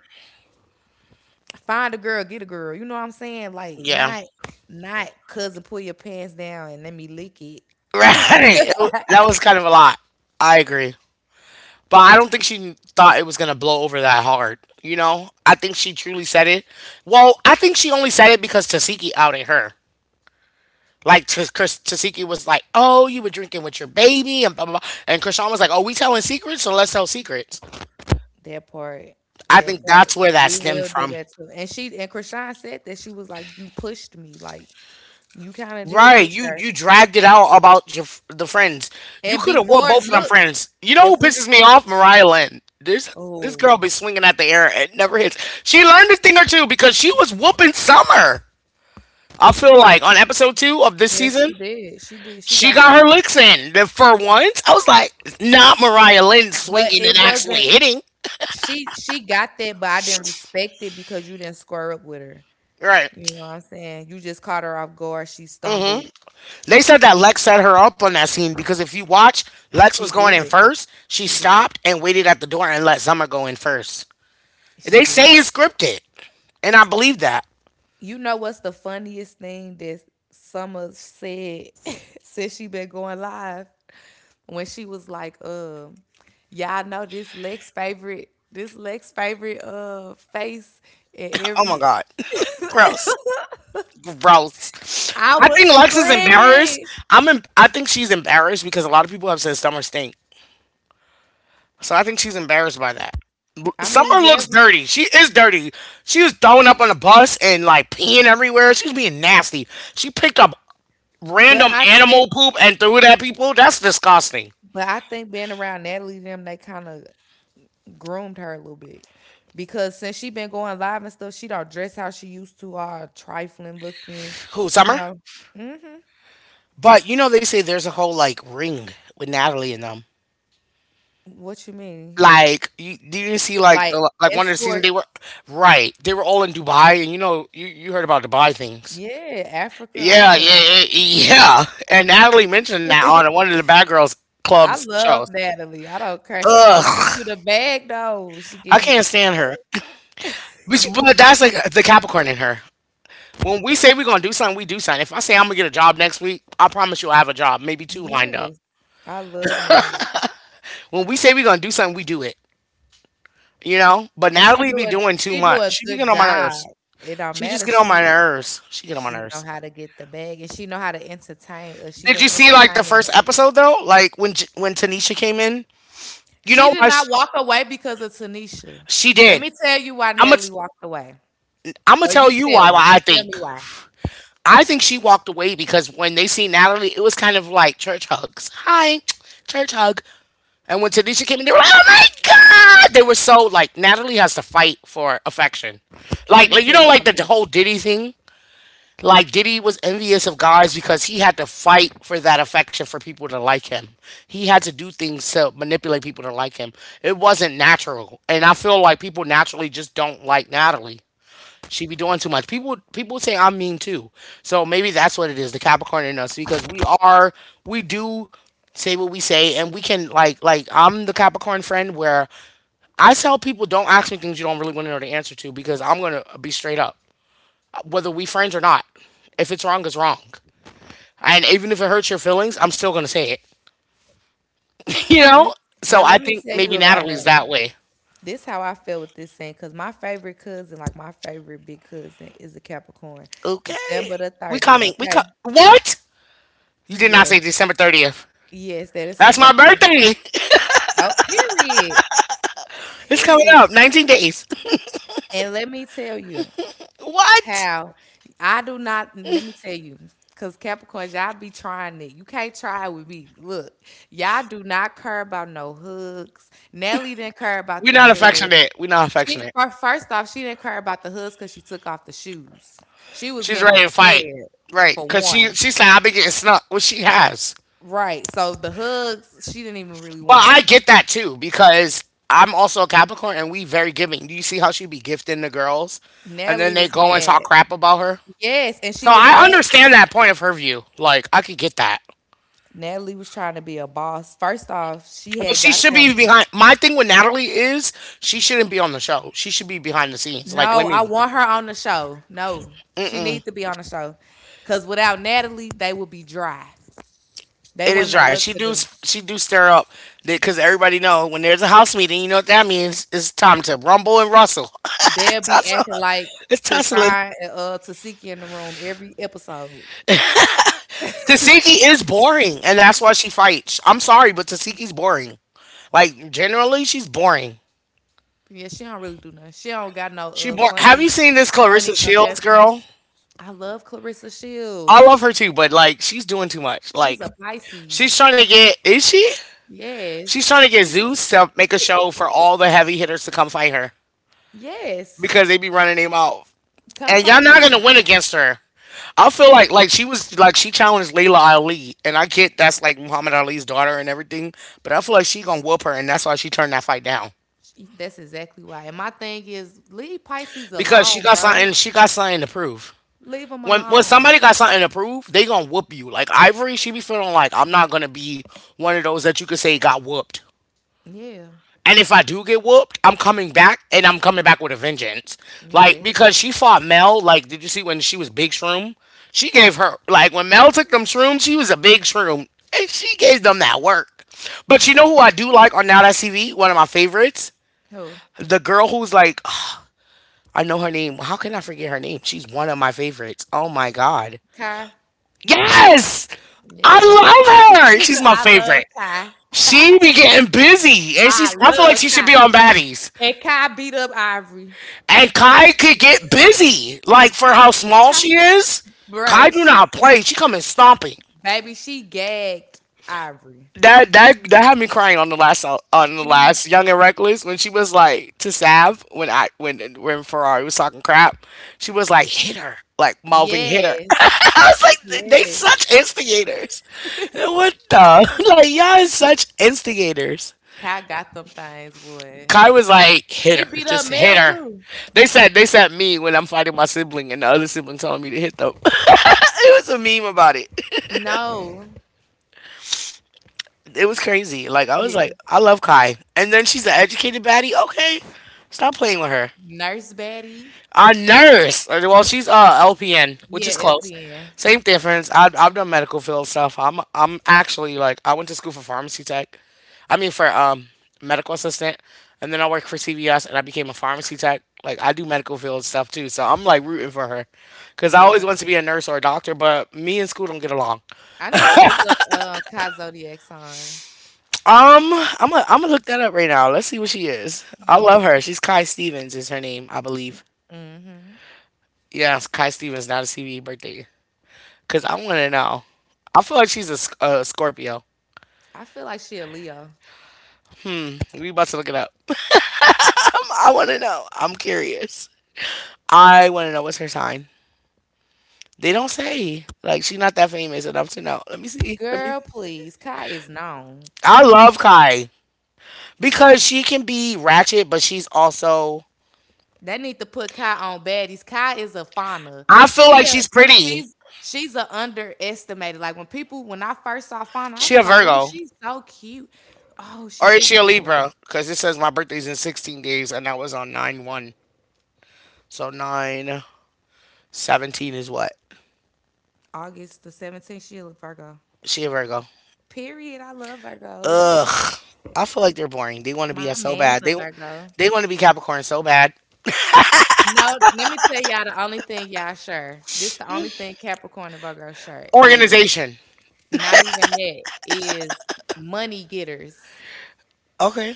find a girl, get a girl. You know what I'm saying? Like Yeah. [LAUGHS] not, not cousin, pull your pants down and let me lick it. Right. It wa- that was kind of a lot. I agree. But I don't think she thought it was going to blow over that hard. You know? I think she truly said it. Well, I think she only said it because Tasiki outed her. Like, T- Chris- Tasiki was like, oh, you were drinking with your baby, and blah, blah, blah. And Krishan was like, oh, we telling secrets, so let's tell secrets. That part, I that think that's part, where that we stemmed will do from. that too. And she and Krishan said that she was like, "You pushed me, like you kind of did Right, push you her." you dragged it out about your f- the friends. You And could have won before, both of them look, friends. You know if who we, pisses me off? Mariah Lynn. This this girl oh, be swinging at the air. It never hits. She learned a thing or two because she was whooping Summer. I feel like on episode two of this yeah, she season, did, she did, she she got got something, her licks in. Then for once, I was like, it's not Mariah Lynn but swinging and it actually wasn't. hitting. She she got that, but I didn't respect it because you didn't square up with her. Right. You know what I'm saying? You just caught her off guard. She Hmm. stumbled. They said that Lex set her up on that scene because if you watch, Lex was She going in did. first. She She did. stopped and waited at the door and let Summer go in first. She They say did. it's scripted, and I believe that. You know what's the funniest thing that Summer said [LAUGHS] since she been going live? When she was like, um, y'all know this Lex favorite, this Lex favorite uh face at Oh my every, God. [LAUGHS] Gross. Gross. I I was think Lex is embarrassed. screaming. I'm. Em- I think she's embarrassed because a lot of people have said Summer stink. So I think she's embarrassed by that. I mean, Summer yeah, looks we, dirty. She is dirty. She was throwing up on the bus and like peeing everywhere. She's being nasty. She picked up but random I think, animal poop and threw it at people. That's disgusting. but I think being around Natalie and them, they kind of groomed her a little bit because since she been going live and stuff, she don't dress how she used to, all trifling looking, Who, you Summer? know. Hmm. But you know they say there's a whole like ring with Natalie and them. What you mean? Like you, do you see like Like, the like one of the season escort. they were. Right. They were all in Dubai, and you know you, you heard about Dubai things. Yeah, Africa, all Yeah, yeah, them. yeah, yeah. And Natalie mentioned that on [LAUGHS] one of the Bad Girls I Club's love shows. Natalie. I don't care. She gonna Ugh. get you the bag though. She I give you can't the bag. stand her. But, but that's like the Capricorn in her. When we say we're gonna do something, we do something. If I say I'm gonna get a job next week, I promise you I have a job, maybe two lined up. Yes. I love Natalie. When we say we're gonna do something, we do it. You know? But And she Natalie be do a doing too she do much. a She be getting good on my job. nerves. It don't She just matter. get on my She nerves. She get on my she know nerves. how to get the bag and she know how to entertain us. She Did been you see like the entertaining first us. episode though? Like when J- when Tanisha came in, you She know did why she, not walk away because of Tanisha. she Let did. me tell you why I'm gonna Natalie walked away. I'm gonna Or tell you you tell why. me. Why I Tell think me why. I think she walked away because when they see Natalie, it was kind of like church hugs. Hi, church hug. And when Tanisha came in, they were like, oh my God, they were so like Natalie has to fight for affection. Let Like, me like you tell you know, like the, the something. whole Diddy thing. Like Diddy was envious of guys because he had to fight for that affection for people to like him. He had to do things to manipulate people to like him. It wasn't natural. And I feel like people naturally just don't like Natalie. She be doing too much. People people say I'm mean too. So maybe that's what it is, the Capricorn in us, because we are we do say what we say, and we can like like I'm the Capricorn friend where I tell people don't ask me things you don't really want to know the answer to because I'm gonna be straight up whether we friends or not. If it's wrong, it's wrong. And even if it hurts your feelings, I'm still gonna say it. [LAUGHS] You Yeah. know? So But I let me think tell you maybe about Natalie's Natalie. that way. This how I feel with this thing, because my favorite cousin, like my favorite big cousin, is a Capricorn. Okay. December the We thirtieth, coming. We okay? co- What? You did not say Yes. December thirtieth. Yes, that is her That's my birthday. birthday. [LAUGHS] Oh, period. It's coming Period. up. nineteen days. And let me tell you What? how I do not, let me tell you, because Capricorns, y'all be trying it. You can't try it with me. Look, y'all do not care about no hugs. Nelly didn't care about We're them not hugs. affectionate. We're not She affectionate. fir first off, she didn't care about the hoods because she took off the shoes. She was She's getting ready to fight. prepared Right. for Cause she one. she said I've been getting snuck, which she has. Right, so the hoods, she didn't even really Well, want. I get that too because I'm also a Capricorn, and we very giving. Do you see how she be gifting the girls and then Natalie they was go and talk mad. crap about her? Yes, and So she was I mad. understand that point of her view. Like I could get that. Natalie was trying to be a boss. First off, she But had she got should be them. behind. My thing with Natalie is she shouldn't be on the show. She should be behind the scenes. Like let No, I me. want her on the show. No, she needs to be on the show. Cause without Natalie, they would be dry. They It is wouldn't know dry. what She to do do. she do stir up because everybody know when there's a house meeting, you know what that means? It's time to rumble and rustle. They'll [LAUGHS] be Tussle. acting like It's tussling. Krishan and uh Tasiki in the room every episode. Tasiki is boring, and that's why she fights. I'm sorry, but Tasiki's boring. Like generally, she's boring. Yeah, she don't really do nothing. She don't got no She uh bor- Have you funny, seen this funny Clarissa Shields girl? confessions. I love Clarissa I love Shields. her too, but like she's doing too much. She's Like a she's Pisces. trying to get, is she? She's Yes. trying to get Zeus to make a show for all the heavy hitters to come fight her Yes. because they be running him off, Come and y'all fight not gonna me. win against her. I feel like like she was like she challenged Layla Ali, and I get that's like Muhammad Ali's daughter and everything, but I feel like she gonna whoop her, and that's why she turned that fight down. She- That's exactly why. And my thing is leave Pisces Because she alone, got bro. something she got something to prove, Leave them when when alone. somebody got something to prove, they gonna whoop you. Like Ivory, she be feeling like I'm not gonna be one of those that you could say got whooped, Yeah. and if I do get whooped, I'm coming back, and I'm coming back with a vengeance, like Yes. because she fought Mel. Like did you see when she was big shroom? She gave her, like when Mel took them shrooms, she was a big shroom, and she gave them that work. But you know who I do like on now? That's TV, one of my favorites. Who? The girl who's like, I know her name. How can I forget her name? She's one of my favorites. Oh my God. Kai? Yes! Yes. I love her. She's [LAUGHS] my I love favorite. Kai. She [LAUGHS] be getting busy, and I she's. I feel love like she should Kai. be on baddies. And Kai beat up Ivory. And Kai could get busy, like for how small Kai. she is. Kai Bruh, do she, not play. She coming stomping. baby, she gagged Ivory. That that that had me crying on the last song- on the She last Young and Reckless when she was like to Sav when I when when Ferrari was talking crap, she was like hit her like Malvin hit her. [LAUGHS] yes, I was like they yes. such instigators. What the [LAUGHS] like y'all is such instigators. Kai got them things, boy. Kai was like hit She her, beat up just hit Mel her. too. They said they said me when I'm fighting my sibling and the other sibling telling me to hit them. [LAUGHS] It was a meme about it. No. It was crazy. Like I was like, Yeah. I love Kai, and then she's an educated baddie. Okay, stop playing with her. Nurse Betty. A nurse. uh, Well, she's uh L P N, which Yeah, is close. L P N. Same difference. I've I've done medical field stuff. I'm I'm actually like I went to school for pharmacy tech. I mean for um medical assistant, and then I worked for C V S, and I became a pharmacy tech. Like I do medical field stuff too, so I'm like rooting for her, cause I always Yeah. wanted to be a nurse or a doctor, but me and school don't get along. I need to look up uh Kai Zodiac sign. Um, I'm gonna I'm gonna look that up right now. Let's see what she is. I love Yes. her. She's Kai Stevens is her name, I believe. Mm-hmm. Yeah, it's Kai Stevens, not a C B E birthday. Cause I want to know. I feel like she's a, Sc- a Scorpio. I feel like she a Leo. We about to look it up. [LAUGHS] I want to know. I'm curious. I want to know what's her sign. They don't say. Like she's not that famous enough to know. Let me see. Let me. Girl, please. Kai is known. I love Kai because she can be ratchet, but she's also. They need to put Kai on baddies. Kai is a fauna. I feel She like a, she's pretty. she's she's a underestimated. Like when people, when I first saw Fauna, I She a was like, oh, Virgo. she's so cute. Oh, Or she is is she a a Virgo. Libra? Because it says my birthday's in sixteen days, and that was on nine one. So nine seventeen is what? August the seventeenth, she a Virgo. She a Virgo. Period. I love Virgos. Ugh. I feel like they're boring. They want to be My us so man's bad. a They Virgo. they want to be Capricorn so bad. No, let me tell y'all the only thing y'all sure. This the only thing Capricorn and Virgo sure is Organization. not even that is money getters. Okay.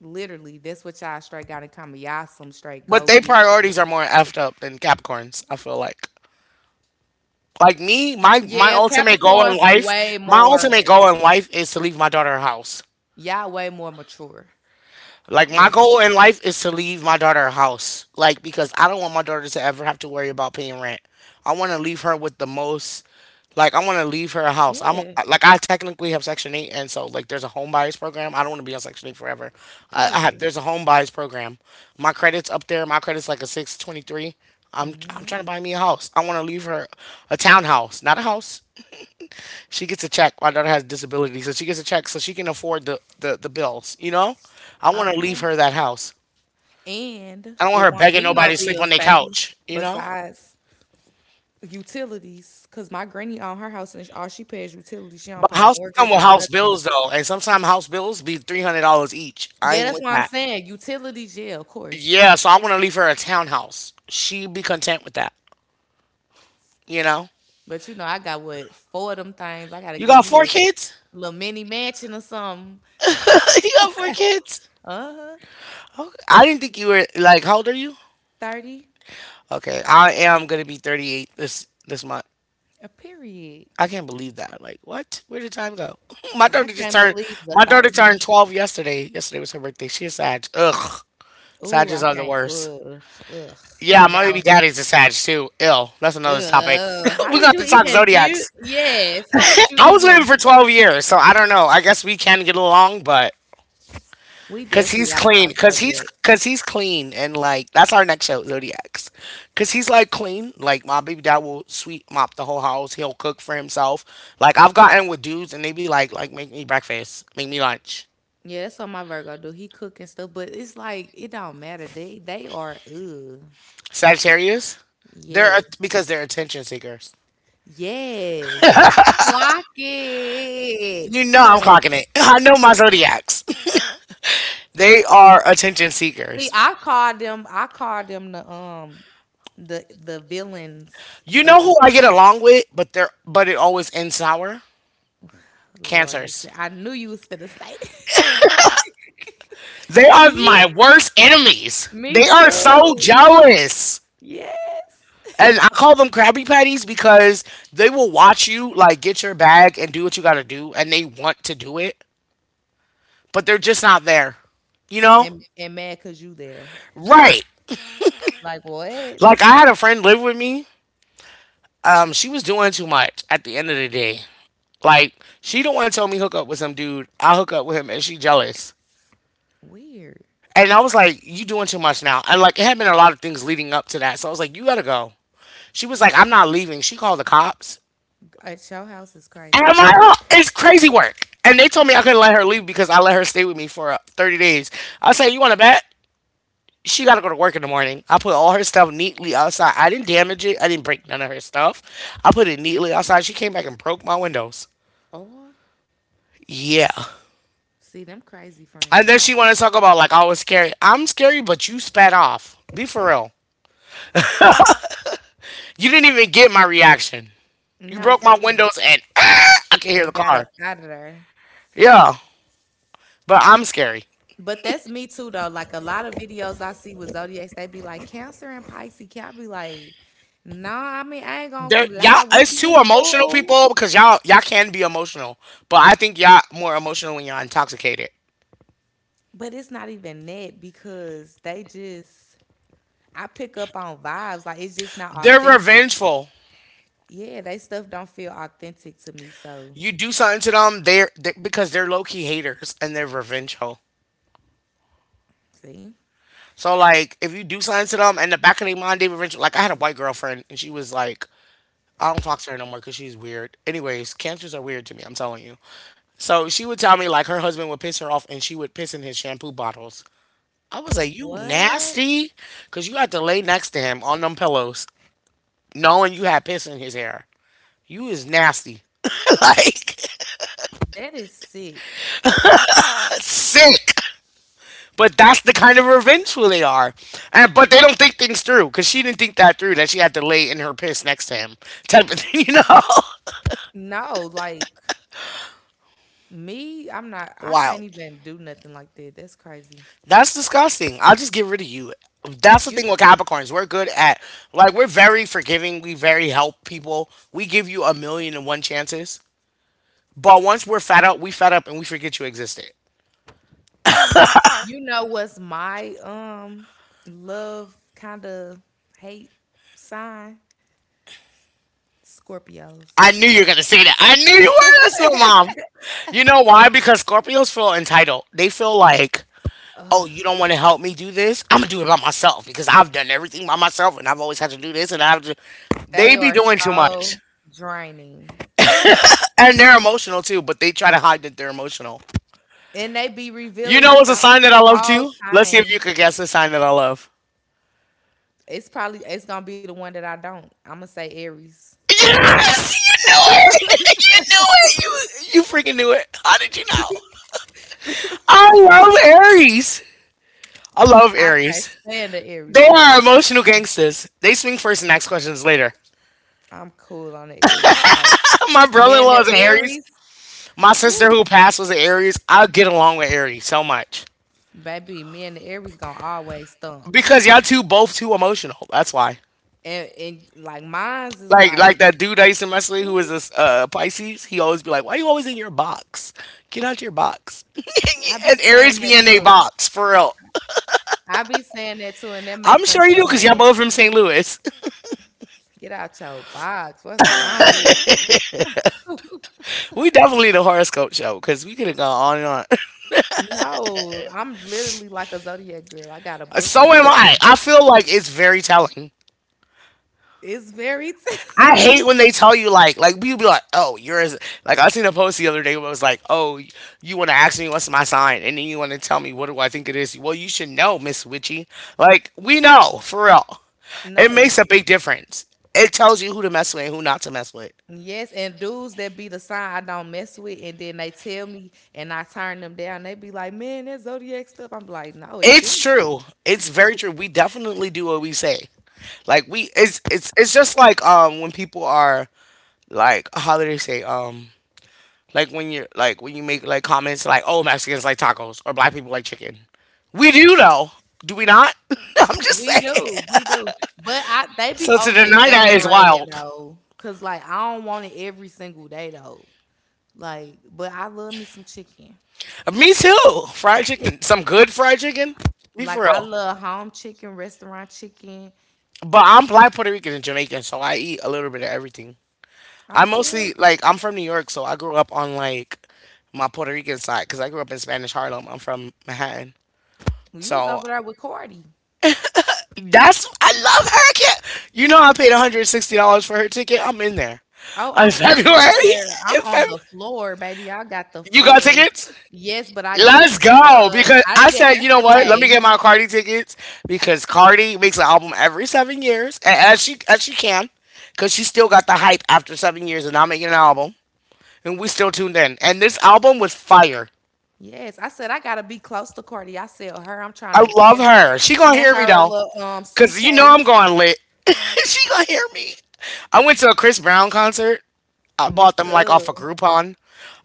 Literally, that's what y'all straight got in common. Y'all some straight But go their getters. priorities are more effed up than Capricorns, I feel like. Like me, my my Yeah, ultimate goal in Capricorns life, way my more. ultimate goal in life is to leave my daughter a house. Y'all way more mature Like my than goal Virgo. in life is to leave my daughter a house. Like because I don't want my daughter to ever have to worry about paying rent. I want to leave her with the most, like I want to leave her a house. I'm Yeah, like I technically have Section Eight, and so like there's a home buyers program. I don't want to be on Section Eight forever. I, I have, period. there's a home buyers program. My credit's up there. My credit's like a six twenty three. I'm I'm Hmm. trying to buy me a house. I want to leave her a townhouse, not a house. She gets a check. My daughter has disabilities, so she gets a check so she can afford the, the, the, bills, you know? I want to leave Okay. her that house. And I don't want it her won't begging be no nobody to sleep on bills, their baby. couch, you know? Besides utilities, cause my granny on her house and all she pays utilities. She don't But pay houses come mortgage with or house nothing. bills, though, and sometimes house bills be three hundred dollars each. I Yeah, ain't that's with what I'm that. saying. Utilities, yeah, of course. Yeah, so I want to leave her a townhouse. She'd be content with that, you know? But you know, I got what four of them things. I gotta You give got me four a kids? little mini mansion or something. [LAUGHS] You got four kids? Uh-huh. Okay. I didn't think you were, like, how old are you? thirty. Okay, I am gonna be thirty-eight this this month. A period. I can't believe that. Like, what? Where did time go? [LAUGHS] My I daughter just can't turned. believe the My daughter turned thirty. twelve yesterday. Yesterday was her birthday. She a Sag. Ugh, Ooh, I Sages are the can't. worst. Ugh. Ugh. Yeah, I my baby now daddy's a Sag too. Ill. That's another topic. ugh. [LAUGHS] How We did got you to talk even zodiacs. do yes. How did you I was with him even, for twelve years, so I don't know. I guess we can get along, but we Cause definitely he's gotta clean. talk Cause he's zodiac. cause he's clean, and like that's our next show, Zodiacs. Cause he's like clean. Like my baby dad will sweep mop the whole house. He'll cook for himself. Like I've gotten with dudes and they be like, like make me breakfast, make me lunch. Yeah, that's what my Virgo do. He cook and stuff, but it's like it don't matter. They they are ugh. Sagittarius, they're Yes. because they're attention seekers. Yes. Clock it. You know I'm clocking it. [LAUGHS] I know my Zodiacs. [LAUGHS] They are attention See, seekers. I called them, I called them the um the the villains You of know the who I Zod- get along with, but they're but it always ends sour. Lord. You Cancers. fin- I knew you was gonna say that. They are [LAUGHS] my Me, worst enemies. me They are so too. jealous. Yes. And I call them Krabby Patties because they will watch you, like, get your bag and do what you gotta do, and they want to do it, but they're just not there. You know? And and mad cause you there. Right. Like Like, I what? had a friend live with me. Um, she was doing too much at the end of the day. Like, she the one told me hook up with some dude. I hook up with him, and she jealous. Weird. And I was like, you doing too much now. And, like, it had been a lot of things leading up to that. So I was like, you gotta go. She was like, I'm not leaving. She called the cops. At your house is And crazy. my ho- it's crazy work. And they told me I couldn't let her leave because I let her stay with me for uh, thirty days. I say, you want to bet? She got to go to work in the morning. I put all her stuff neatly outside. I didn't damage it. I didn't break none of her stuff. I put it neatly outside. She came back and broke my windows. Or Yeah. see them crazy And friends. then she wanted to talk about like I was scary. I'm scary, but you spat off. Be for real. You didn't even get my reaction. You No, broke for my real. windows and ah, I can hear And the got car. up out of there. Yeah. But I'm scary. But that's me too though. Like a lot of videos I see with Zodiacs, they be like Cancer and Pisces. Can I be like, no, nah, I mean I ain't gonna There, lie. y'all, We it's be two emotional cool. people because y'all y'all can be emotional, but I think y'all more emotional when y'all intoxicated. But it's not even that because they just I pick up on vibes. Like it's just not They're authentic. revengeful. Yeah, they stuff don't feel authentic to me. So You do something to them, they're, they because they're low key haters and they're revengeful. see? So like, if you do something to them, and the back of their mind, they revengeful. Like I had a white girlfriend, and she was like, I don't talk to her no more because she's weird. Anyways, cancers are weird to me. I'm telling you. So she would tell me like her husband would piss her off, and she would piss in his shampoo bottles. I was like, you What? nasty, because you had to lay next to him on them pillows, knowing you had piss in his hair. You is nasty. [LAUGHS] Like That is sick. sick. But that's the kind of revengeful they are. And but they don't think things through because she didn't think that through that she had to lay in her piss next to him. [LAUGHS] Type of thing, [LAUGHS] you know? No, like me, I'm not I Wild. can't even do nothing like that. That's crazy. That's disgusting. I'll just get rid of you. That's the You thing with Capricorns. We're good at like we're very forgiving. We very help people. We give you a million and one chances. But once we're fed up, we fed up and we forget you existed. you know what's my um love kind of hate sign? Scorpios. I knew you were gonna say that. I knew you were. That's my mom. You know why? Because Scorpios feel entitled. They feel like, oh, Ugh, you don't want to help me do this? I'm going to do it by myself because I've done everything by myself and I've always had to do this and I have to. they They are be doing too so much. draining. And they're emotional too, but they try to hide that they're emotional. And they be revealing You it know what's the a sign that I love whole too? Let's see if time. you could guess the sign that I love. It's probably it's gonna be the one that I don't. I'ma say Aries. Yes! You knew it! [LAUGHS] You knew it! You, you freaking knew it. How did you know? I love Aries. I love I can't Aries. stand the Aries, They baby. are emotional gangsters. They swing first and ask questions later. I'm cool on the Aries. Like [LAUGHS] My me and the brother-in-law is an Aries. Aries, My sister woo, who passed was an Aries. I get along with Aries so much baby. Me and the Aries gonna always stump. because y'all two both too emotional. That's why. And and like mine's is Like like, like that dude I used to mess with who was ooh, this uh, Pisces. He always be like, "Why you always in your box? Get out your box." [LAUGHS] I be And saying Aries be that in a too. box for real. I be saying that too, and that I'm make them sure you so do because y'all mad. both from Saint Louis. [LAUGHS] Get out your box. What's wrong with you? We definitely the horoscope show because we could have gone on and on. [LAUGHS] No, I'm literally like a zodiac girl. I got a book So and am I. everything. I feel like it's very telling. It's very I telling. hate when they tell you like like people be like, oh, you're as like I seen a post the other day where it was like, oh, you want to ask me what's my sign, and then you want to tell me what do I think it is. Well, you should know, Miss Witchy. Like we know for real, [LAUGHS] it No. makes a big difference. It tells you who to mess with and who not to mess with. Yes, and dudes that be the sign I don't mess with, and then they tell me, and I turn them down. They be like, "Man, that zodiac stuff." I'm like, "No, it It's do. true. It's very true. We definitely do what we say. Like we, it's it's it's just like um when people are like how do they say um like when you're like when you make like comments like, "Oh, Mexicans like tacos" or "Black people like chicken." We do know, do we not? [LAUGHS] I'm just We saying. do, we do." But I, they be So to over deny that is exaggerating wild. though, cause like I don't want it every single day though. Like, but I love me some chicken. Me too. Fried chicken, some good fried chicken. Be for Like I real. love home chicken, restaurant chicken. But I'm black Puerto Rican and Jamaican, so I eat a little bit of everything. I Oh, for real? mostly like I'm from New York, so I grew up on like my Puerto Rican side because I grew up in Spanish Harlem. I'm from Manhattan, Well, you was so over there with Cardi. that's I love her. I can't- You know, I paid one hundred sixty dollars for her ticket. I'm in there. Oh, I'm in February? there. I'm In on Feb- the floor, baby. I got the you got floor. tickets? Yes, but I did Let's the, go. uh, Because I I did said, you know after what? Let me pay. get my Cardi tickets because Cardi makes an album every seven years, and as she as she can, because she still got the hype after seven years and not making an album, and we still tuned in. And this album was fire. Yes, I said I gotta be close to Cardi. I said her, I'm I trying to love hand, her. She gonna hand hear me her a though. little um Cause you know suitcase. I'm going lit. [LAUGHS] She gonna hear me. I went to a Chris Brown concert. I Me bought them like off a of too. Groupon.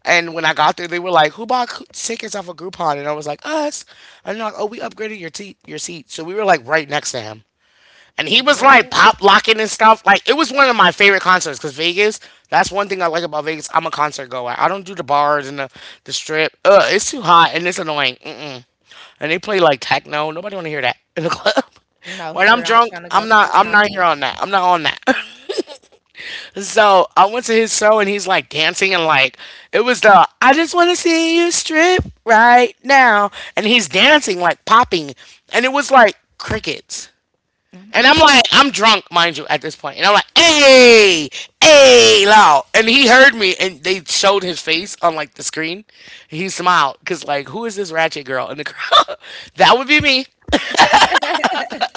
And when I got there, they were like, "Who bought cou- tickets off of Groupon?" And I was like, "Us." And they're like, "Oh, we upgraded your te- your seat." So we were like right next to him and he was like What? pop locking and stuff. Like it was one of my favorite concerts because Vegas. That's one thing I like about Vegas. I'm a concert goer. I don't do the bars and the, the strip. Ugh, it's too hot and it's annoying. Mm-mm. And they play like techno. Nobody want to hear that in the [LAUGHS] club. No, When for I'm real, I'm drunk, trying to go I'm to not. the I'm not here concert. on that. I'm not on that. [LAUGHS] So I went to his show and he's like dancing and like it was the I just want to see you strip right now and he's dancing like popping and it was like crickets. I'm And hot. I'm like, I'm drunk, mind you, at this point. And I'm like, hey, hey, loud. And he heard me, and they showed his face on like the screen. And he smiled because like, who is this ratchet girl in the crowd? [LAUGHS] That would be me. [LAUGHS]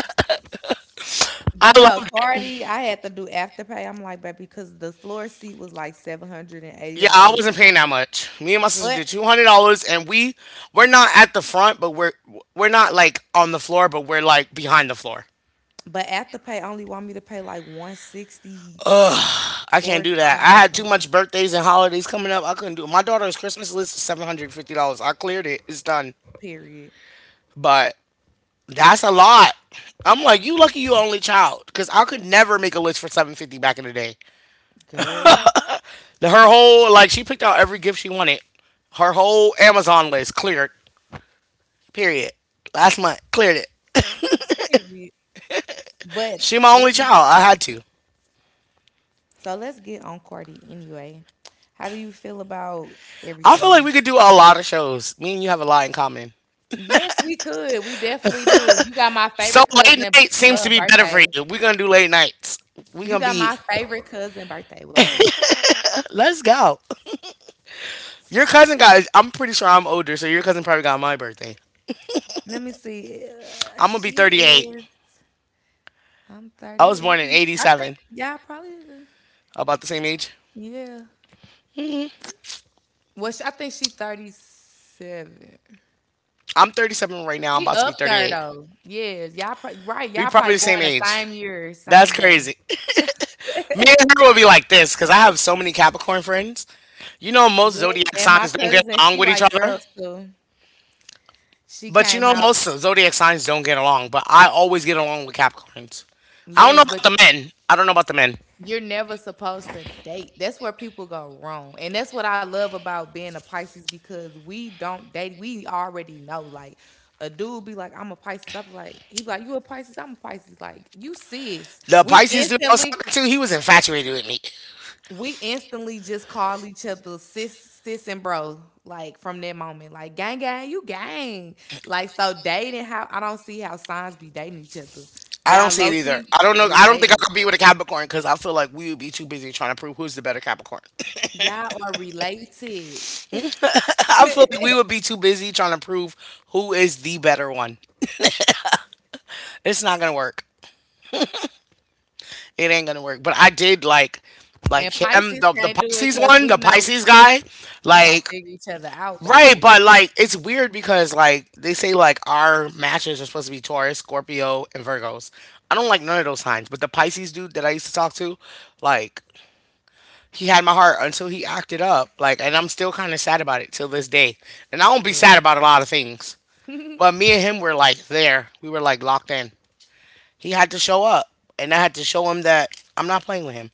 I But no, loved it. Cardi, I had to do Afterpay. I'm like, baby, because the floor seat was like seven hundred and eighty Yeah, I dollars. wasn't paying that much. Me and my sister But did two hundred dollars, and we we're not at the front, but we're we're not like on the floor, but we're like behind the floor. but Afterpay only want me to pay like one sixty I can't four do that. times I or had too something. much birthdays and holidays coming up. I couldn't do it. My daughter's Christmas list is seven hundred fifty dollars. I cleared it. It's done. Period. But that's a lot. I'm like, you lucky you only child, because I could never make a list for seven fifty back in the day. Girl. The, her whole like she picked out every gift she wanted. Her whole Amazon list cleared. Period. Last month cleared it. Period. But She my only Izzy, child. I had to. so let's get on Cardi anyway. How do you feel about I feel like everything? we could do a lot of shows. Me and you have a lot in common. Yes, we could. We definitely do. You got my So favorite late cousin night seems uh, to be better for birthday. you. We're gonna do late nights. We're You gonna got be. my favorite cousin birthday. Like what? Let's go. Your cousin got. I'm pretty sure I'm older, so your cousin probably got my birthday. Let me see. Uh, I'm gonna be she thirty-eight. is. I'm I thirty. was born in Every— I think. eighty-seven. Yeah, probably. Uh, About the same age? yeah. Well, she, I think she thirty-seven. I'm thirty-seven right She now. I'm about to up be there thirty-eight. though. Yes, y'all probably right. Y'all We probably probably the born same the age. same year, That's same day. crazy. [LAUGHS] [LAUGHS] Me and her will be like this because I have so many Capricorn friends. You know, most Yes, zodiac and my signs don't get cousin, along she with each like other. girls too. She But you came know, out. most zodiac signs don't get along. But I always get along with Capricorns. I don't know Yes, about but the men. I don't know about the men. you're never supposed to date. That's where people go wrong, and that's what I love about being a Pisces because we don't date. We already know. Like a dude be like, "I'm a Pisces." I'm like, he be like, "You a Pisces?" I'm a Pisces. Like you sis. The We Pisces dude I was instantly talking to, he was infatuated with me. we instantly just call each other sis, sis and bro. Like from that moment, like gang, gang, you gang. Like so dating, how I don't see how signs be dating each other. I don't Y'all see low it either. key I don't know. I don't think I related. could be with a Capricorn because I feel like we would be too busy trying to prove who's the better Capricorn. Y'all are related. [LAUGHS] I feel like [LAUGHS] we would be too busy trying to prove who is the better one. It's not gonna work. It ain't gonna work. But I did like like And him, Pisces the the can't do it Pisces because one, the we know Pisces guy. we gonna Like figure each other out, right, baby. but like it's weird because like they say like our matches are supposed to be Taurus, Scorpio, and Virgos. I don't like none of those signs, but the Pisces dude that I used to talk to, like he had my heart until he acted up. Like and I'm still kinda sad about it till this day. And I won't be sad Yeah. about a lot of things. But [LAUGHS] me and him were like there. We were like locked in. He had to show up, and I had to show him that I'm not playing with him.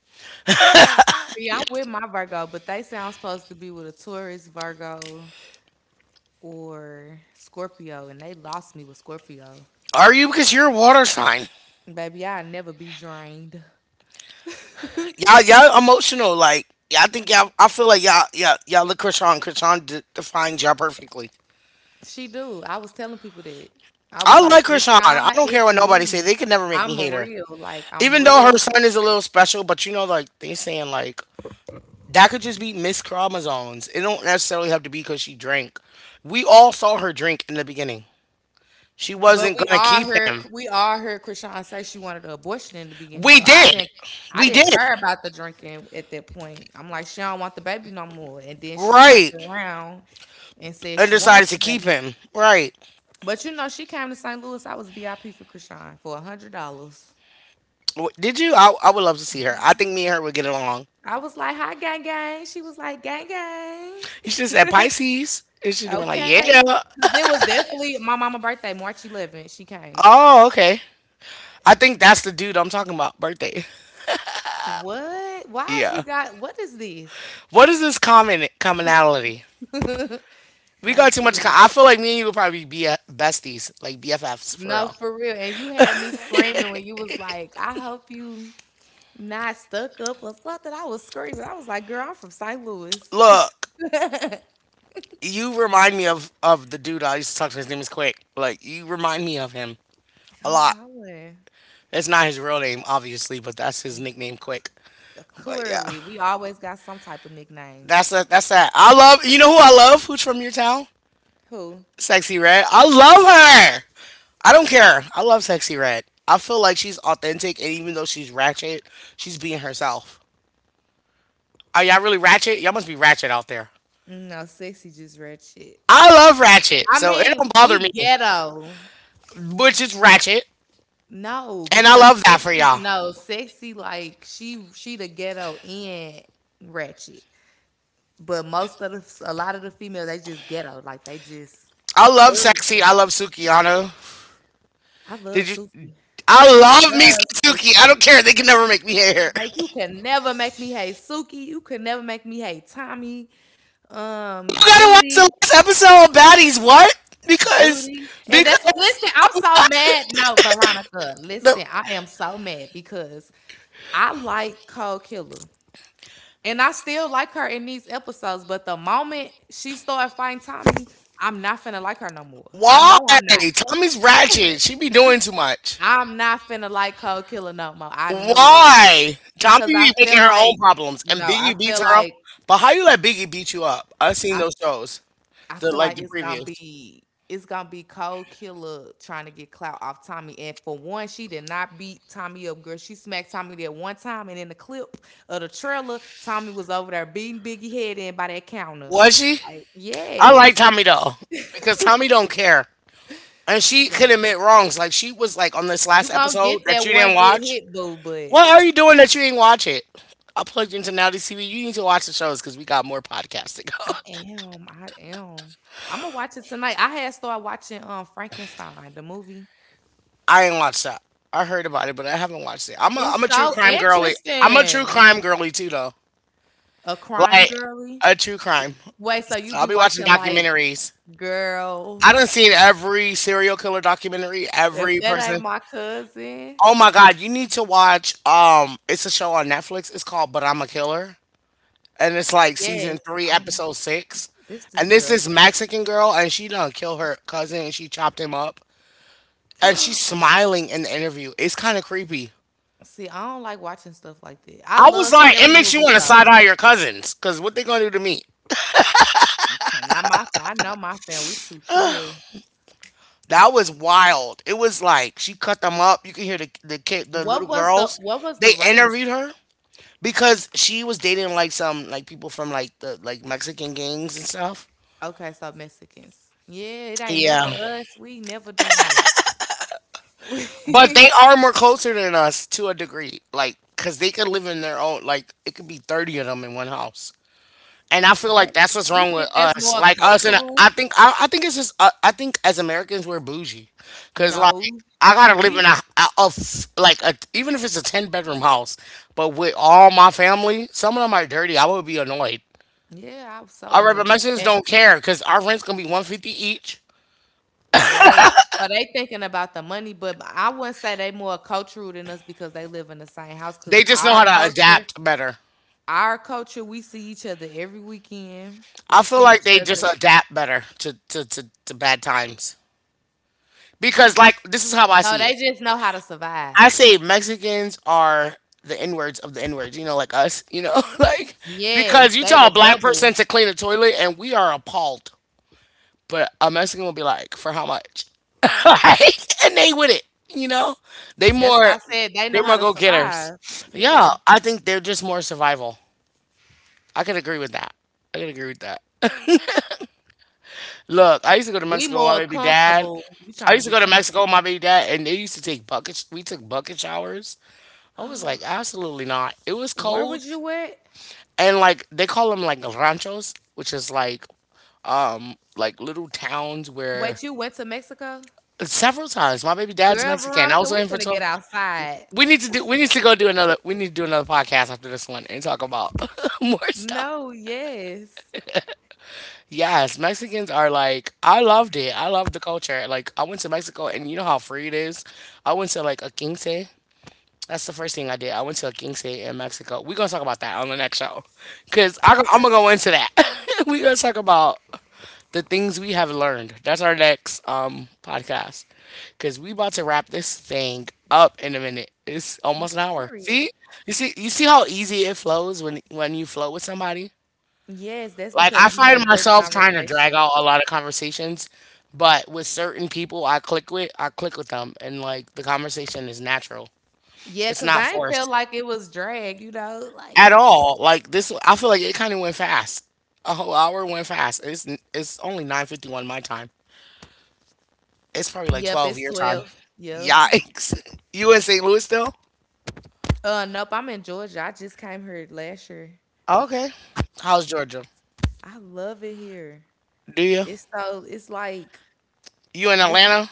See, I'm with my Virgo, but they sound supposed to be with a Taurus, Virgo, or Scorpio, and they lost me with Scorpio. Are you? Because you're a water sign. Baby, I never be drained. [LAUGHS] Y'all, y'all emotional. Like, yeah, I think y'all. I feel like y'all, y'all, y'all look Krishan. Krishan de- defines y'all perfectly. She do. I was telling people that. I was I like, like Krishan. Krishan, I don't care it's what nobody say. me. They could never make me I'm hate her. real. Like I'm Even though real. her son is a little special, but you know, like they saying, like that could just be Miss Chromosomes. It don't necessarily have to be because she drank. We all saw her drink in the beginning. She But wasn't we gonna all keep heard him. we all heard Krishan say she wanted an abortion in the beginning. We So I did. didn't, I We didn't did. care about the drinking at that point. I'm like, she don't want the baby no more. And then she turned Right. around and said And she wanted decided to the baby. keep him. Right. But you know, she came to Saint Louis. I was V I P for Krishan for a hundred dollars. W- Did you? I, I would love to see her. I think me and her would get along. I was like, hi, gang gang. She was like, gang gang. You should have said Pisces. It should have been like, Okay. yeah. Cause it was definitely my mama birthday, March eleventh. She came. Oh, okay. I think that's the dude I'm talking about. Birthday. [LAUGHS] What? Why is we Yeah. got? What is this? What is this common commonality? [LAUGHS] We Like got too for much. real? Com- I feel like me and you would probably be a- besties, like B F Fs for No, real. for real. And you had me screaming when you was like, "I hope you not stuck up or something." I was screaming. I was like, "Girl, I'm from Saint Louis. Look, [LAUGHS] I'm you remind me of of the dude I used to talk to. His name is Quick. Like you remind me of him a lot. hollering." It's not his real name, obviously, but that's his nickname, Quick. Uh, But yeah, Clearly, we always got some type of nickname. that's that. That's that. I love. You know who I love? Who's from your town? Who? Sexy Red. I love her. I don't care. I love Sexy Red. I feel like she's authentic, and even though she's ratchet, she's being herself. Are y'all really ratchet? Y'all must be ratchet out there. No, sexy just read shit. I love ratchet, I so it mean, don't bother we me, ghetto. which is ratchet, No, and I because love that for sexy, y'all. no, sexy like she she the ghetto and ratchet. But most of the a lot of the females they just ghetto, like they just I love thug. sexy. I Like, love Sukiyano. I love Did you? Suki. I I love me love some Suki. I Suki. don't care. They can never make me hate her. Like [LAUGHS] you can never make me hate Suki. You can never make me hate Tommy. Um, You gotta watch the Judy, last episode of Baddies. What? Because Judy, and that's because listen. I'm so mad. No, Veronica, the listen. I am so mad because I like Cole Killer. And I still like her in these episodes, but the moment she started fighting Tommy, I'm not finna like her no more. I why know I'm not. Tommy's ratchet. She be doing too much. I'm not finna like Cold Killer no more. I know it Why Tommy because I be making feel her like own problems and no, I Biggie beats feel her up? like But how you let Biggie beat you up? I've I seen those shows, I feel the like like the it's gonna previews. be it's gonna be Cold Killer trying to get clout off Tommy. And for one, she did not beat Tommy up, girl. She smacked Tommy there one time, and in the clip of the trailer, Tommy was over there beating Biggie head in by that counter. Was she? Like I like yes, Tommy though because Tommy don't care and she could like admit wrongs. Like she was like on this you last gonna get episode that that you one didn't good watch. hit, boo. But What are you doing that you ain't watch it? I plugged into Now T V. You need to watch the shows because we got more podcasts to I go. am, I am. I'm gonna watch it tonight. I had started watching um Frankenstein, the movie. [LAUGHS] I ain't watched that. I heard about it, but I haven't watched it. I'm a I'm It's a true so crime girly. I'm a true interesting. crime girly too, though. A crime Like girly. a true crime. Wait, so you So I'll be be watching watching like, documentaries. girl, I done seen every serial killer documentary, if every that ain't person. my cousin? Oh my god, you need to watch. Um, it's a show on Netflix. It's called But I'm a Killer, and it's like season Yes. three, Oh my, episode six. this this And this girl. is Mexican girl, and she done kill her cousin, and she chopped him up, and she's [GASPS] smiling in the interview. It's kind of creepy. See, I don't like watching stuff like that. I I was love like, it scary makes you movies want to though. side eye your cousins, cause what they gonna do to me? Not my, fa- I know my fan. We too true. That was wild. It was like she cut them up. You can hear the the kid, the What little was the girls. What was the They race? interviewed her because she was dating like some like people from like the like Mexican gangs and stuff. Okay, so Mexicans. Yeah, it ain't never Yeah. us. We never doing that. But they [LAUGHS] are more closer than us to a degree, like because they could live in their own. Like it could be thirty of them in one house, and I feel That like that's what's you wrong think with that's more us. Like us, and cultural? I think I, I think it's just uh, I think as Americans we're bougie, because like No. I gotta live We in a, a, a f- like a, even if it's a ten bedroom house, but with all my family, some of them are dirty. I would be annoyed. yeah, I was so All right, but annoyed. Mexicans And don't care because our rent's gonna be one fifty each. right. So they thinking about the money, but I wouldn't say they more cultural than us because they live in the same house. Cause They just know our how to culture, adapt better. our culture, we see each other every weekend. I We feel see like each they other. just adapt better to, to, to, to bad times. Because, like, this is how I No, see they it. just know how to I survive. say Mexicans are the N words of the N words, you know, like us, you know, [LAUGHS] like, because Yes, you they tell a the black double. person to clean a toilet and we are appalled. But a Mexican will be like, for how much? [LAUGHS] Like, and they with it, you know? They That's why I more, said they they know how more to go getters. survive. Yeah, Yeah. I think they're just more survival. I could agree with that. I could agree with that. Look, I used to go to We Mexico with my more baby dad. comfortable. We I trying to used to be go to comfortable. Mexico with my baby dad, and they used to take bucket. We took bucket showers. I was like, absolutely not. It was Where cold, was you at? and like they call them like ranchos, which is like um like little towns where Wait, you went to Mexico? several times my baby dad's Girl, Mexican. I Veronica, was with we him for finna get twelve. outside. We need to do. We need to go do another. We need to do another podcast after this one and talk about [LAUGHS] more stuff. No, yes. Yes, Mexicans are like I loved it. I loved the culture. Like I went to Mexico and you know how free it is. I went to like a quince. That's the first thing I did. I went to a quince in Mexico. We're gonna talk about that on the next show, cause I am gonna Okay. go into that. [LAUGHS] We're gonna talk about the things we have learned. That's our next um podcast, cause we about to wrap this thing up in a minute. It's Yeah, almost an hour. period. See, you see, you see how easy it flows when when you flow with somebody. Yes, that's Like I because we find made good myself trying to drag conversation. out a lot of conversations, but with certain people I click with, I click with them and like the conversation is natural. Yeah, It's because not I ain't felt forced like it was drag, you know, like at all. Like this I feel like it kind of went fast. A whole hour went fast. It's it's only nine fifty-one my time. It's probably like yep, twelve it's your time. twelve. Yep. Yikes. [LAUGHS] You in Saint Louis still? Uh nope, I'm in Georgia. I just came here last year. Okay. How's Georgia? I love it here. Do you? It's so it's like You in it's Atlanta?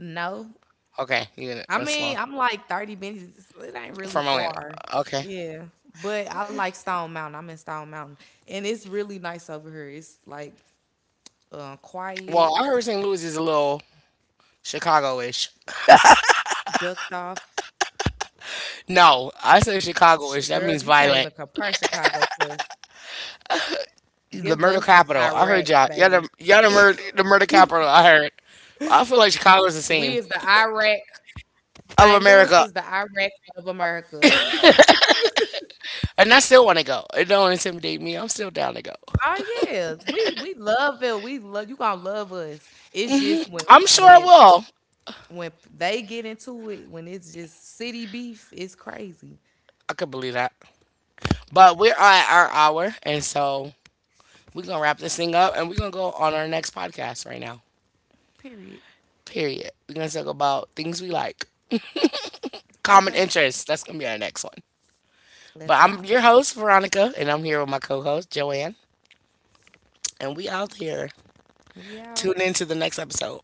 No. Okay, you in I a mean, small I'm like thirty minutes. It ain't really from Atlanta. far. Okay. Yeah. But I like Stone Mountain. I'm in Stone Mountain. And it's really nice over here. It's like uh, quiet, Well, I heard Saint Louis is a little Chicago-ish. ducked off. Sh- No, Girl, I you said can't even Chicago-ish. compare That means Chicago violent. to us. Give us The murder Iraq, capital. I baby. heard y'all. Y'all the, y'all the, murder, the [LAUGHS] murder capital. I heard. I feel like Chicago We is the is the same Iraq. Saint of Louis is the America. Iraq of America. [LAUGHS] And I still want to go. It don't intimidate me. I'm still down to go. Oh yeah, we we love it. We love you. Gonna love us. It's just when I'm sure I when will. when they get into it, when it's just city beef, it's crazy. I could believe that. But we're at our hour. And so we're going to wrap this thing up and we're going to go on our next podcast right now. Period. Period. We're going to talk about things we like, common Okay, interests. That's going to be our next one. But let's I'm go. your host, Veronica, and I'm here with my co host, Joanne, and we out here. We Tune out. in to the next episode.